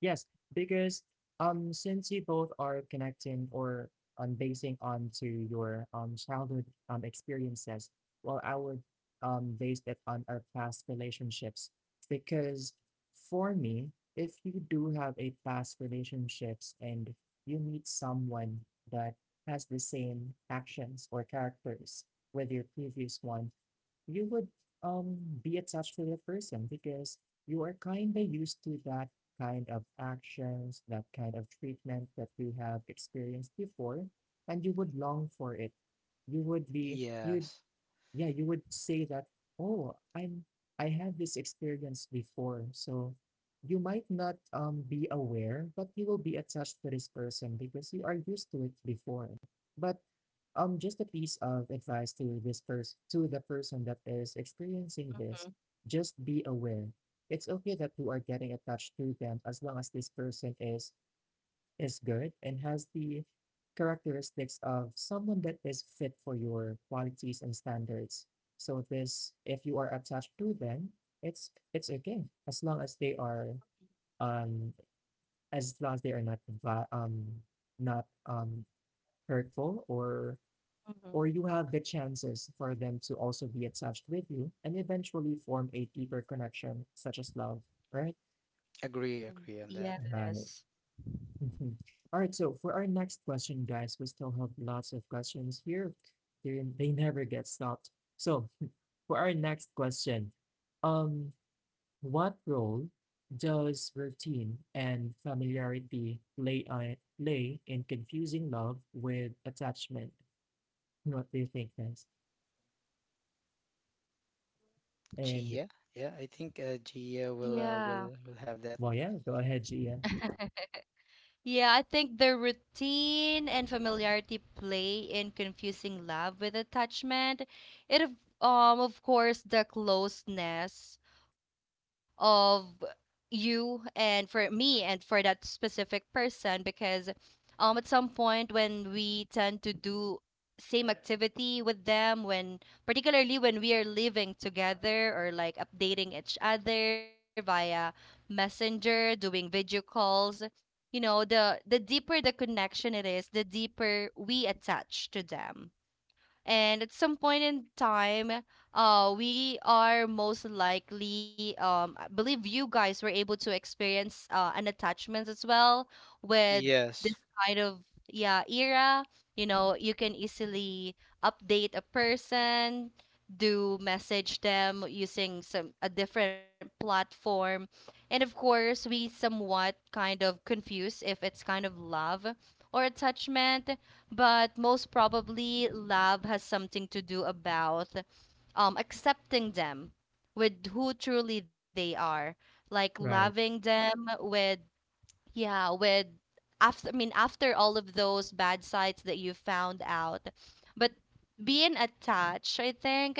[SPEAKER 1] Yes, because since you both are connecting or basing onto your childhood experiences, well I would base it on our past relationships because for me, if you do have a past relationships and you meet someone that has the same actions or characters with your previous one, you would um be attached to that person because you are kind of used to that kind of actions, that kind of treatment that we have experienced before, and you would long for it. You would be, you'd
[SPEAKER 3] Yes,
[SPEAKER 1] yeah, you would say that, oh, I'm I had this experience before. So you might not be aware, but you will be attached to this person because you are used to it before. But just a piece of advice to this person, to the person that is experiencing this,
[SPEAKER 2] Mhm.
[SPEAKER 1] just be aware. It's okay that you are getting attached to them as long as this person is good and has the characteristics of someone that is fit for your qualities and standards. So this, if you are attached to them, it's okay as long as they are, um as long as they are not not hurtful or
[SPEAKER 2] Mhm.
[SPEAKER 1] you have the chances for them to also be attached with you and eventually form a deeper connection such as love, right?
[SPEAKER 2] Mhm.
[SPEAKER 3] agree, agree on that.
[SPEAKER 2] Yes.
[SPEAKER 1] Right. Mhm. All right, so for our next question, guys, we still have lots of questions here. They never get stopped. So for our next question, um, what role does routine and familiarity play on, play in confusing love with attachment? What do you think, guys? And
[SPEAKER 3] Gia, yeah, I think
[SPEAKER 2] Yeah.
[SPEAKER 3] Gia will will have that.
[SPEAKER 1] well, yeah, go ahead, Gia.
[SPEAKER 2] Yeah, I think the routine and familiarity play in confusing love with attachment. It of- of course the closeness of you and for me and for that specific person, because at some point when we tend to do same activity with them, when particularly when we are living together or like updating each other via messenger, doing video calls, you know the deeper the connection it is, the deeper we attach to them. And at some point in time, we are most likely I believe you guys were able to experience an attachment as well with this
[SPEAKER 3] Yes,
[SPEAKER 2] kind of, yeah, era. You know, you can easily update a person, do message them using some a different platform, and of course we somewhat kind of confuse if it's kind of love or attachment. But most probably love has something to do about accepting them with who truly they are, like loving
[SPEAKER 1] Right,
[SPEAKER 2] them with, yeah, with, after, after all of those bad sides that you found out. But being attached, I think,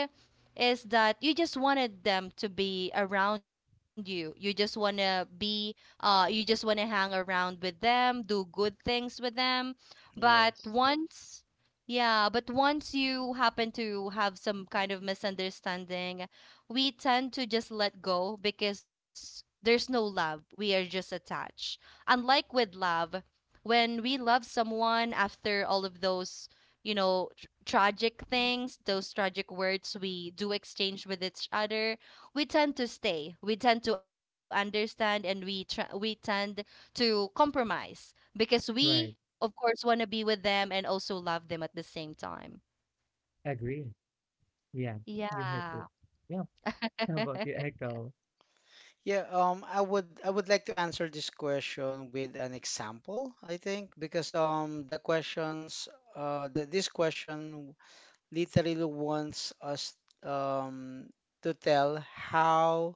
[SPEAKER 2] is that you just wanted them to be around you. You just wanna be, you just wanna hang around with them, do good things with them. But
[SPEAKER 3] yes.
[SPEAKER 2] once, yeah, but once you happen to have some kind of misunderstanding, we tend to just let go because there's no love. We are just attached, unlike with love. When we love someone, after all of those, you know, tragic things, those tragic words we do exchange with each other, we tend to stay. We tend to understand, and we we tend to compromise because we
[SPEAKER 1] right.
[SPEAKER 2] of course want to be with them and also love them at the same time.
[SPEAKER 1] Agree. Yeah, you hit
[SPEAKER 2] Yeah.
[SPEAKER 1] it. Yeah. How about you, Echo?
[SPEAKER 3] Yeah, I would like to answer this question with an example, I think, because the questions this question literally wants us um to tell how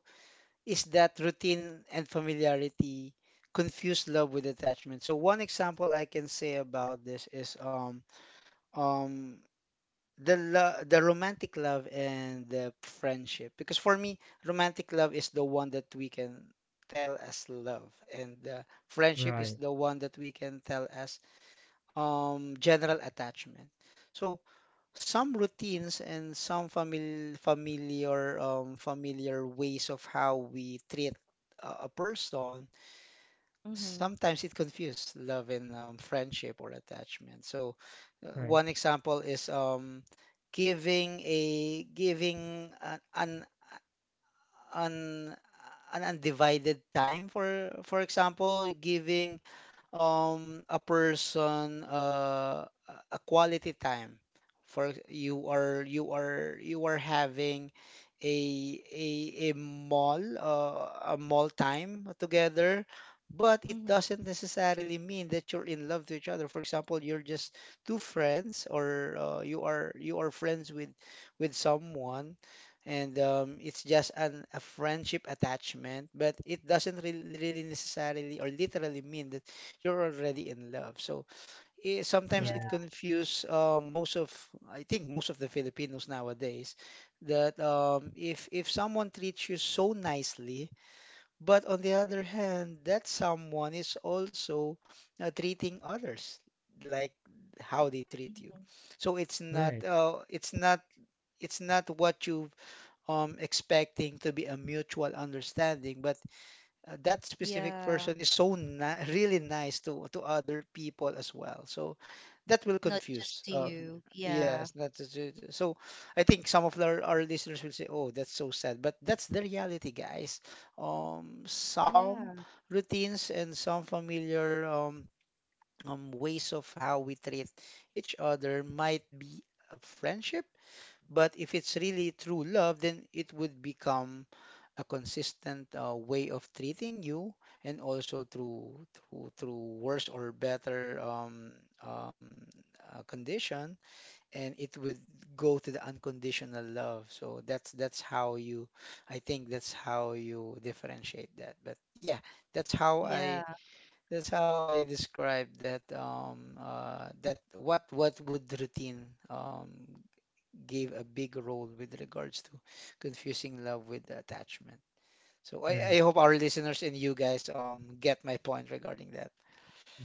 [SPEAKER 3] is that routine and familiarity confuse love with attachment. So one example I can say about this is um the romantic love and the friendship because for me romantic love is the one that we can tell as love and the friendship
[SPEAKER 1] Right,
[SPEAKER 3] is the one that we can tell as general attachment. So some routines and some familiar familiar ways of how we treat a person,
[SPEAKER 2] Mm-hmm.
[SPEAKER 3] sometimes it confuses love and friendship or attachment. So,
[SPEAKER 1] right,
[SPEAKER 3] one example is giving a giving an, an undivided time for example, giving a person a quality time for you are you are having a mall time together but it
[SPEAKER 2] Mm-hmm.
[SPEAKER 3] doesn't necessarily mean that you're in love to each other for example you're just two friends or you are friends with someone and it's just a friendship attachment but it doesn't really, really necessarily or literally mean that you're already in love. So sometimes
[SPEAKER 2] Yeah.
[SPEAKER 3] it
[SPEAKER 1] right.
[SPEAKER 3] confuse I think most of the Filipinos nowadays, that if someone treats you so nicely, but on the other hand, that someone is also treating others like how they treat you.
[SPEAKER 2] Mhm.
[SPEAKER 3] So it's not
[SPEAKER 1] Right.
[SPEAKER 3] it's not what you expecting to be a mutual understanding, but that
[SPEAKER 2] Yeah.
[SPEAKER 3] specific person is really nice to other people as well. So that will
[SPEAKER 2] Not just
[SPEAKER 3] confuse.
[SPEAKER 2] to you. Yeah.
[SPEAKER 3] Yes, that's it. So. I think some of our listeners will say, "Oh, that's so sad," but that's the reality, guys.
[SPEAKER 2] Yeah.
[SPEAKER 3] Some routines and some familiar ways of how we treat each other might be a friendship but if it's really true love, then it would become a consistent way of treating you, and also through worse or better um, condition, and it would go to the unconditional love. So that's how you, I think that's how you differentiate that. But yeah, that's
[SPEAKER 2] Yeah.
[SPEAKER 3] how I that's how I describe that that what would routine gave a big role with regards to confusing love with attachment. So
[SPEAKER 1] Right,
[SPEAKER 3] I hope our listeners and you guys get my point regarding that.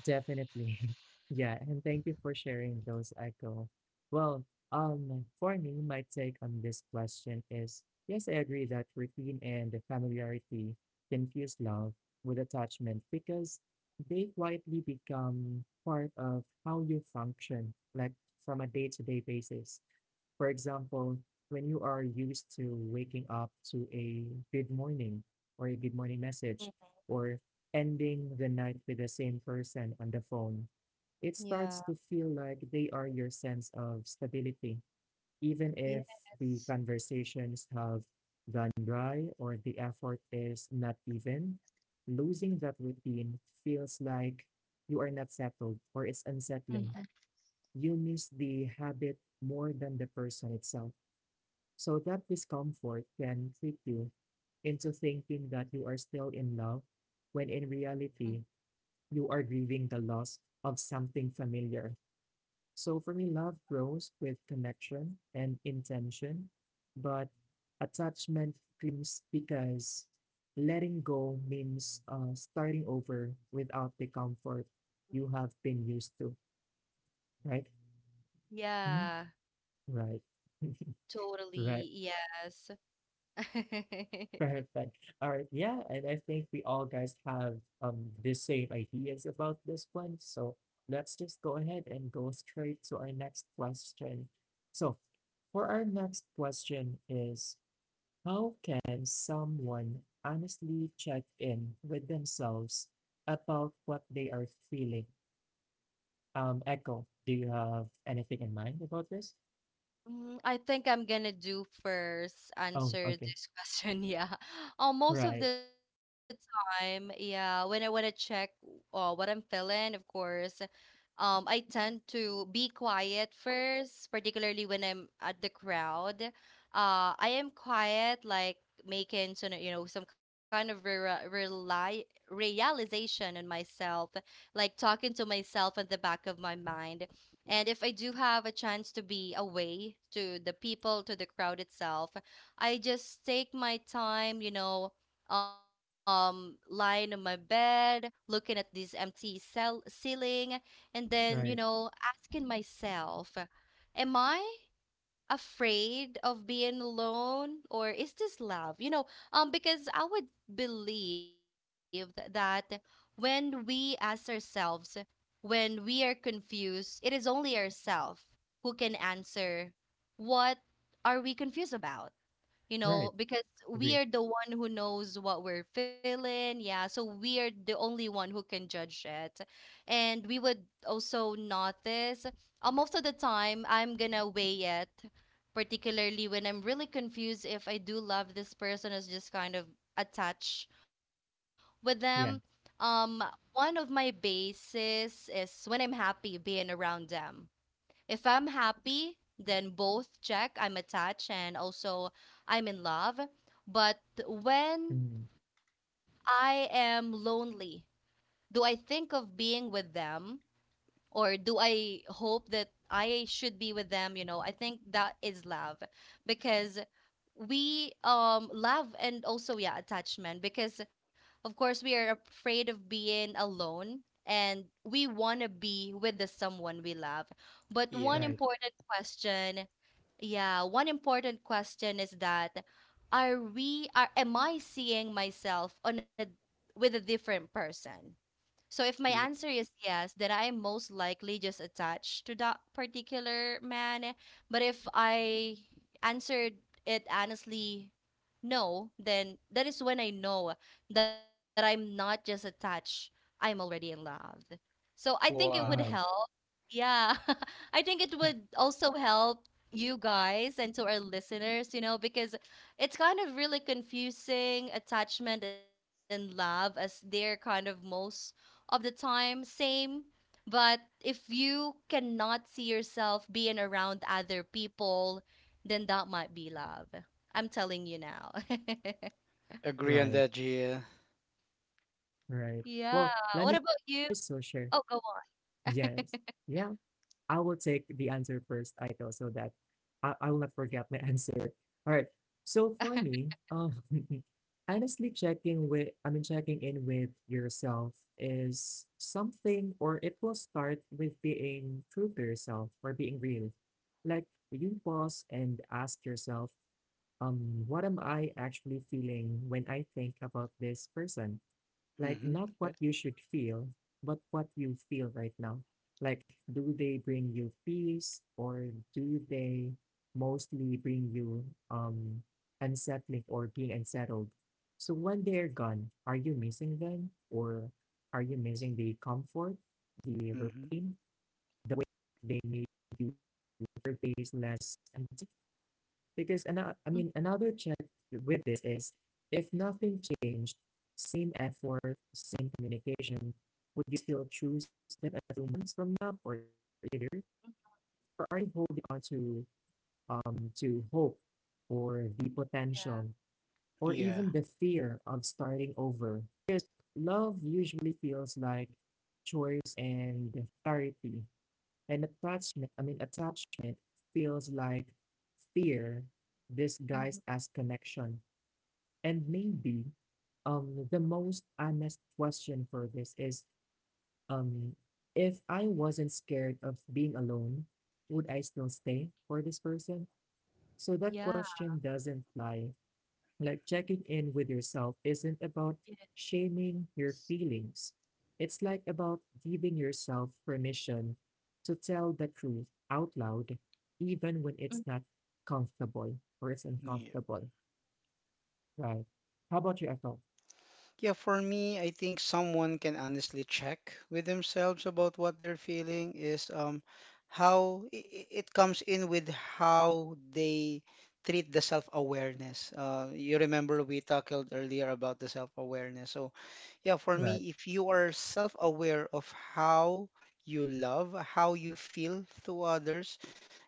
[SPEAKER 1] definitely. Yeah, and thank you for sharing those, Echo. Well, for me, my take on this question is yes, I agree that routine and the familiarity confuse love with attachment because they quietly become part of how you function, like from a day-to-day basis. For example, when you are used to waking up to a good morning or a good
[SPEAKER 2] Mhm.
[SPEAKER 1] morning message or ending the night with the same person on the phone, it
[SPEAKER 2] Yeah.
[SPEAKER 1] starts to feel like they are your sense of stability. Even if the
[SPEAKER 2] Yes.
[SPEAKER 1] conversations have gone dry or the effort is not even, losing that routine feels like you are not settled or it's unsettling.
[SPEAKER 2] Mhm.
[SPEAKER 1] You miss the habit more than the person itself. So that discomfort can trick you into thinking that you are still in love, when in
[SPEAKER 2] Mhm.
[SPEAKER 1] reality, you are grieving the loss of something familiar. So for me, love grows with connection and intention, but attachment clings because letting go means starting over without the comfort you have been used to, right?
[SPEAKER 2] Yeah,
[SPEAKER 1] Mhm. Right. Right.
[SPEAKER 2] totally. Yes.
[SPEAKER 1] Perfect. All right. Yeah, and I think we all guys have the same ideas about this one. So let's just go ahead and go straight to our next question. So for our next question is how can someone honestly check in with themselves about what they are feeling? Echo, do you have anything in mind about this?
[SPEAKER 2] Mm, I think I'm gonna do first
[SPEAKER 1] Oh,
[SPEAKER 2] answer
[SPEAKER 1] okay.
[SPEAKER 2] this question. Yeah. Most of
[SPEAKER 1] Right,
[SPEAKER 2] the time, yeah, when I wanna check what I'm feeling, of course, I tend to be quiet first, particularly when I'm at the crowd. I am quiet, like making some, you know, some kind of re rely realization on myself, like talking to myself at the back of my mind. And if I do have a chance to be away to the people, to the crowd itself, I just take my time, you know, lying on my bed, looking at this empty cell ceiling, and then, you
[SPEAKER 1] right,
[SPEAKER 2] know, asking myself, am I afraid of being alone, or is this love? You know, because I would believe that when we ask ourselves, when we are confused, it is only ourselves who can answer what are we confused about? You know,
[SPEAKER 1] right.
[SPEAKER 2] because we
[SPEAKER 1] Agree.
[SPEAKER 2] are the one who knows what we're feeling. Yeah, so we are the only one who can judge it. And we would also notice, most of the time I'm gonna weigh it, particularly when I'm really confused, if I do love this person is just kind of attached with them.
[SPEAKER 1] Yeah.
[SPEAKER 2] Um, one of my bases is when I'm happy being around them. If I'm happy, then both check, I'm attached and also I'm in love. But when
[SPEAKER 1] Mm,
[SPEAKER 2] I am lonely, do I think of being with them, or do I hope that I should be with them? You know, I think that is love, because we love and also, yeah, attachment, because of course we are afraid of being alone and we want to be with the someone we love. But one
[SPEAKER 3] Yeah.
[SPEAKER 2] important
[SPEAKER 1] right,
[SPEAKER 2] question, yeah, one important question is that are we are am I seeing myself on a with a different person? So if my
[SPEAKER 3] Yep.
[SPEAKER 2] answer is yes, then I'm most likely just attached to that particular man. But if I answered it honestly no, then that is when I know that I'm not just attached, I'm already in love. So I think it would
[SPEAKER 3] Wow.
[SPEAKER 2] help.
[SPEAKER 1] right.
[SPEAKER 2] Yeah. I think it would also help you guys and to our listeners, you know, because it's kind of really confusing attachment and love as they're kind of most of the time, same. But if you cannot see yourself being around other people, then that might be love. I'm telling you now.
[SPEAKER 3] Agree on
[SPEAKER 1] Right,
[SPEAKER 3] that, Gia.
[SPEAKER 1] right.
[SPEAKER 2] Yeah.
[SPEAKER 1] Well, let
[SPEAKER 2] What
[SPEAKER 1] me
[SPEAKER 2] about you?
[SPEAKER 1] so share.
[SPEAKER 2] Oh, go on.
[SPEAKER 1] Yes. Yeah. I will take the answer first, Aiko, so that I will not forget my answer. All right. So for me, honestly checking with, I mean, checking in with yourself is something, or it will start with being true to yourself or being real. Like you pause and ask yourself, what am I actually feeling when I think about this person? Like,
[SPEAKER 3] Mm-hmm.
[SPEAKER 1] not
[SPEAKER 3] Yeah.
[SPEAKER 1] what you should feel, but what you feel right now. Like, do they bring you peace or do they mostly bring you um unsettling or being unsettled? So when they're gone, are you missing them or are you missing the comfort, the
[SPEAKER 3] Mm-hmm.
[SPEAKER 1] routine, the way they made your days less empty? Because another, I mean, another check with this is if nothing changed, same effort, same communication, would you still choose them a few months from now or later? Or are you holding on to hope or the potential or even the
[SPEAKER 3] Yeah.
[SPEAKER 1] fear of starting over? Because love usually feels like choice and clarity. And attachment, I mean, attachment feels like fear disguised
[SPEAKER 2] Mhm.
[SPEAKER 1] as connection. And maybe the most honest question for this is, um if I wasn't scared of being alone, would I still stay for this person? So that
[SPEAKER 2] Yeah.
[SPEAKER 1] question doesn't lie. Like checking in with yourself isn't about
[SPEAKER 2] Yes.
[SPEAKER 1] shaming your feelings. It's like about giving yourself permission to tell the truth out loud, even when it's not comfortable or it's
[SPEAKER 3] Yeah.
[SPEAKER 1] uncomfortable. Right. How about you, Echo?
[SPEAKER 3] Yeah, for me, I think someone can honestly check with themselves about what they're feeling is it comes in with how they treat the self-awareness. You remember we talked earlier about the self-awareness. So, yeah, for me, if you
[SPEAKER 1] Right.
[SPEAKER 3] are self-aware of how you love, how you feel to others,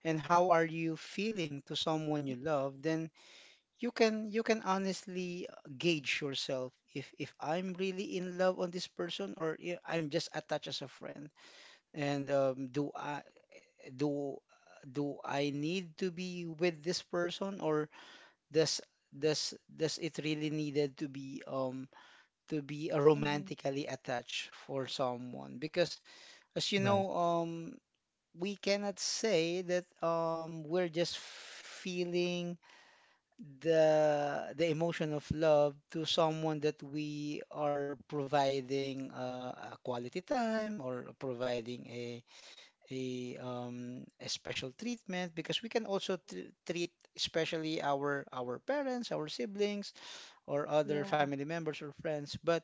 [SPEAKER 3] and how are you
[SPEAKER 2] Mm.
[SPEAKER 3] feeling to someone you love, then you can honestly gauge yourself if I'm really in love on this person or I'm just attached as a friend. And do I do do I need to be with this person or does does it really needed to be
[SPEAKER 2] Mm-hmm.
[SPEAKER 3] romantically attached for someone? Because as you
[SPEAKER 1] Right,
[SPEAKER 3] know, we cannot say that we're just feeling the emotion of love to someone that we are providing a quality time or providing a special treatment because we can also treat especially our parents, our siblings or other family
[SPEAKER 2] Yeah.
[SPEAKER 3] members or friends, but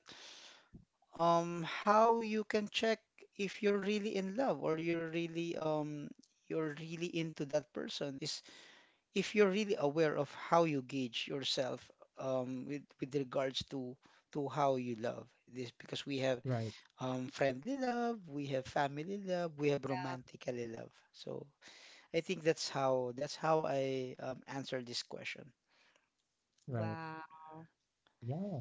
[SPEAKER 3] how you can check if you're really in love or you're really into that person is if you're really aware of how you gauge yourself with regards to how you love this because we have
[SPEAKER 1] right,
[SPEAKER 3] friendly love, we have family love, we have romantically love. So I think that's how I answer this question.
[SPEAKER 1] right.
[SPEAKER 2] Wow.
[SPEAKER 1] Yeah,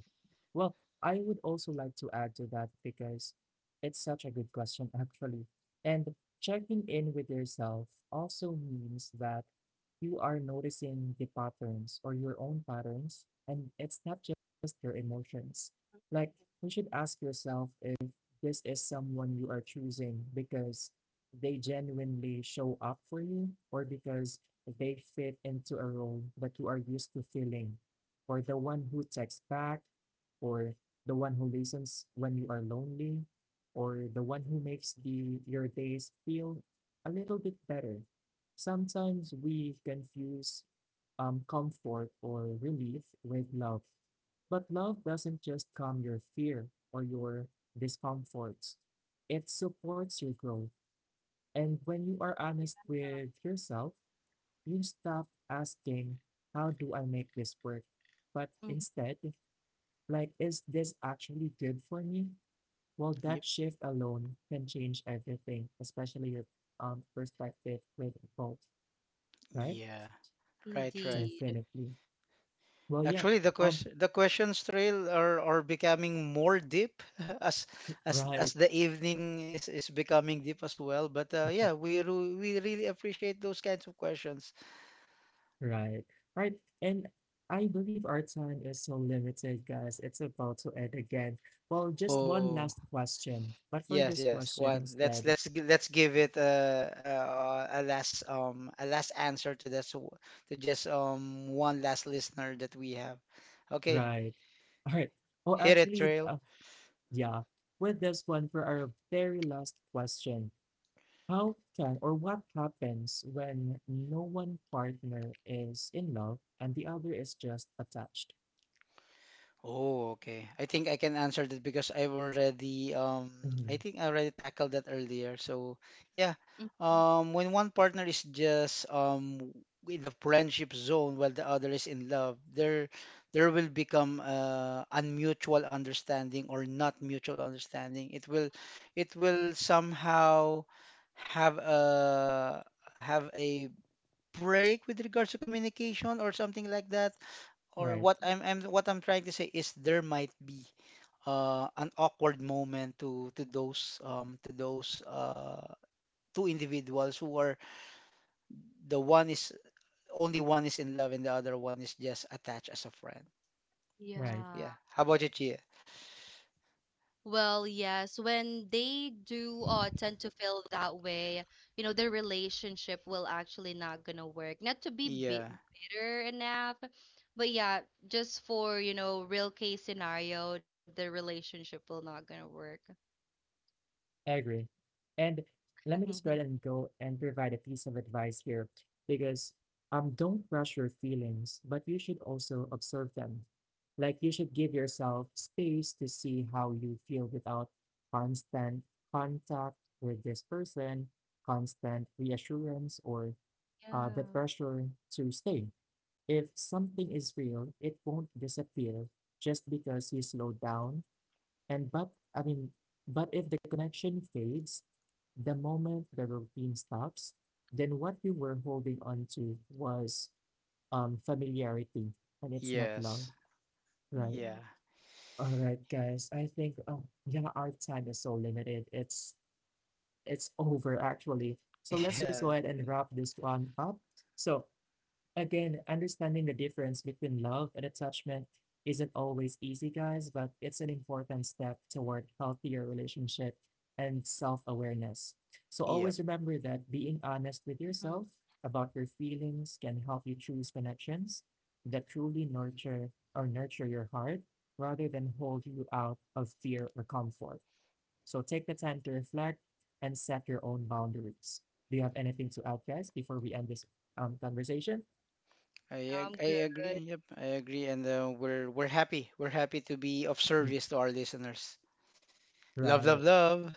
[SPEAKER 1] well, I would also like to add to that because it's such a good question, actually. And checking in with yourself also means that you are noticing the patterns or your own patterns, and it's not just your emotions. Like, you should ask yourself if this is someone you are choosing because they genuinely show up for you or because they fit into a role that you are used to filling, or the one who texts back or the one who listens when you are lonely, or the one who makes the your days feel a little bit better. Sometimes we confuse comfort or relief with love. But love doesn't just calm your fear or your discomforts, it supports your growth. And when you are honest with yourself, you stop asking, "How do I make this work?" But
[SPEAKER 2] Mm-hmm.
[SPEAKER 1] instead, like, is this actually good for me? Well, that
[SPEAKER 3] Yep.
[SPEAKER 1] shift alone can change everything, especially your perspective with both, right?
[SPEAKER 3] Yeah. Right. Right.
[SPEAKER 2] Indeed.
[SPEAKER 1] Definitely. Well, yeah.
[SPEAKER 3] Actually,
[SPEAKER 1] Um,
[SPEAKER 3] the questions trail are becoming more deep as as
[SPEAKER 1] right.
[SPEAKER 3] the evening is becoming deep as well. But yeah, we really appreciate those kinds of questions.
[SPEAKER 1] Right. Right. And I believe our time is so limited, guys. It's about to end again. Well, just
[SPEAKER 2] Oh,
[SPEAKER 1] one
[SPEAKER 3] Oh,
[SPEAKER 1] last question. But for
[SPEAKER 3] yes,
[SPEAKER 1] this
[SPEAKER 3] yes.
[SPEAKER 1] question
[SPEAKER 3] One,
[SPEAKER 1] instead,
[SPEAKER 3] let's give it a last answer to to just one last listener that we have. Okay,
[SPEAKER 1] right. All right. Oh,
[SPEAKER 3] hit it,
[SPEAKER 1] actually,
[SPEAKER 3] Trail.
[SPEAKER 1] yeah. With this one for our very last question. How can, or what happens when no one partner is in love and the other is just attached?
[SPEAKER 3] Oh, okay. I think I can answer that because I've already I
[SPEAKER 1] Mhm.
[SPEAKER 3] think I already tackled that earlier. So yeah,
[SPEAKER 2] Mhm.
[SPEAKER 3] when one partner is just in the friendship zone while the other is in love, there will become unmutual understanding or not mutual understanding. It will somehow have a have a break with regards to communication or something like that or
[SPEAKER 1] Right,
[SPEAKER 3] what I'm what I'm trying to say is there might be an awkward moment to those to those two individuals who are the one is only one is in love and the other one is just attached as a friend. So,
[SPEAKER 1] right.
[SPEAKER 3] yeah.
[SPEAKER 2] Yeah.
[SPEAKER 3] How about you, Chia?
[SPEAKER 2] Well, yes, when they do tend to feel that way, you know, their relationship will actually not gonna work. Not to be bi
[SPEAKER 3] Yeah.
[SPEAKER 2] bitter enough, but yeah, just for, you know, real case scenario, the relationship will not gonna work.
[SPEAKER 1] I agree. And let me just go
[SPEAKER 2] Mhm.
[SPEAKER 1] ahead and go and provide a piece of advice here because don't rush your feelings, but you should also observe them. Like you should give yourself space to see how you feel without constant contact with this person, constant reassurance or the
[SPEAKER 2] Yeah.
[SPEAKER 1] pressure to stay. If something is real, it won't disappear just because you slow down. And but I mean, but if the connection fades, the moment the routine stops, then what you were holding on to was familiarity, and it's not love,
[SPEAKER 3] Yes.
[SPEAKER 1] right?
[SPEAKER 3] Yeah.
[SPEAKER 1] All right, guys. I think oh yeah, our time is so limited. It's over actually. So let's just go ahead and wrap this one up. So again, understanding the difference between love and attachment isn't always easy, guys, but it's an important step toward healthier relationship and self-awareness. So
[SPEAKER 3] Yeah. Yep.
[SPEAKER 1] always remember that being honest with
[SPEAKER 2] Mhm.
[SPEAKER 1] yourself about your feelings can help you choose connections that truly nurture, or nurture your heart rather than hold you out of fear or comfort. So take the time to reflect and set your own boundaries. Do you have anything to add, guys, before we end this, conversation?
[SPEAKER 2] Now I'm
[SPEAKER 3] I
[SPEAKER 2] good.
[SPEAKER 3] agree. Yep. I agree. And we're happy. We're happy to be of service to our listeners. Love, love,
[SPEAKER 1] Right.
[SPEAKER 3] love.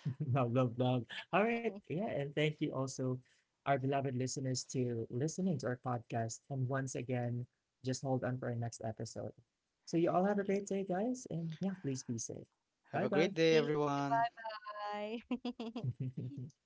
[SPEAKER 1] Love, love, love. All right. Yeah. And thank you also, our beloved listeners, to listening to our podcast. And once again, just hold on for our next episode. So, you all have a
[SPEAKER 3] Yep.
[SPEAKER 1] great day, guys. And yeah, please be safe.
[SPEAKER 3] Have
[SPEAKER 1] Bye
[SPEAKER 3] a great
[SPEAKER 1] bye.
[SPEAKER 2] Thank you.
[SPEAKER 3] day, everyone.
[SPEAKER 2] Bye bye.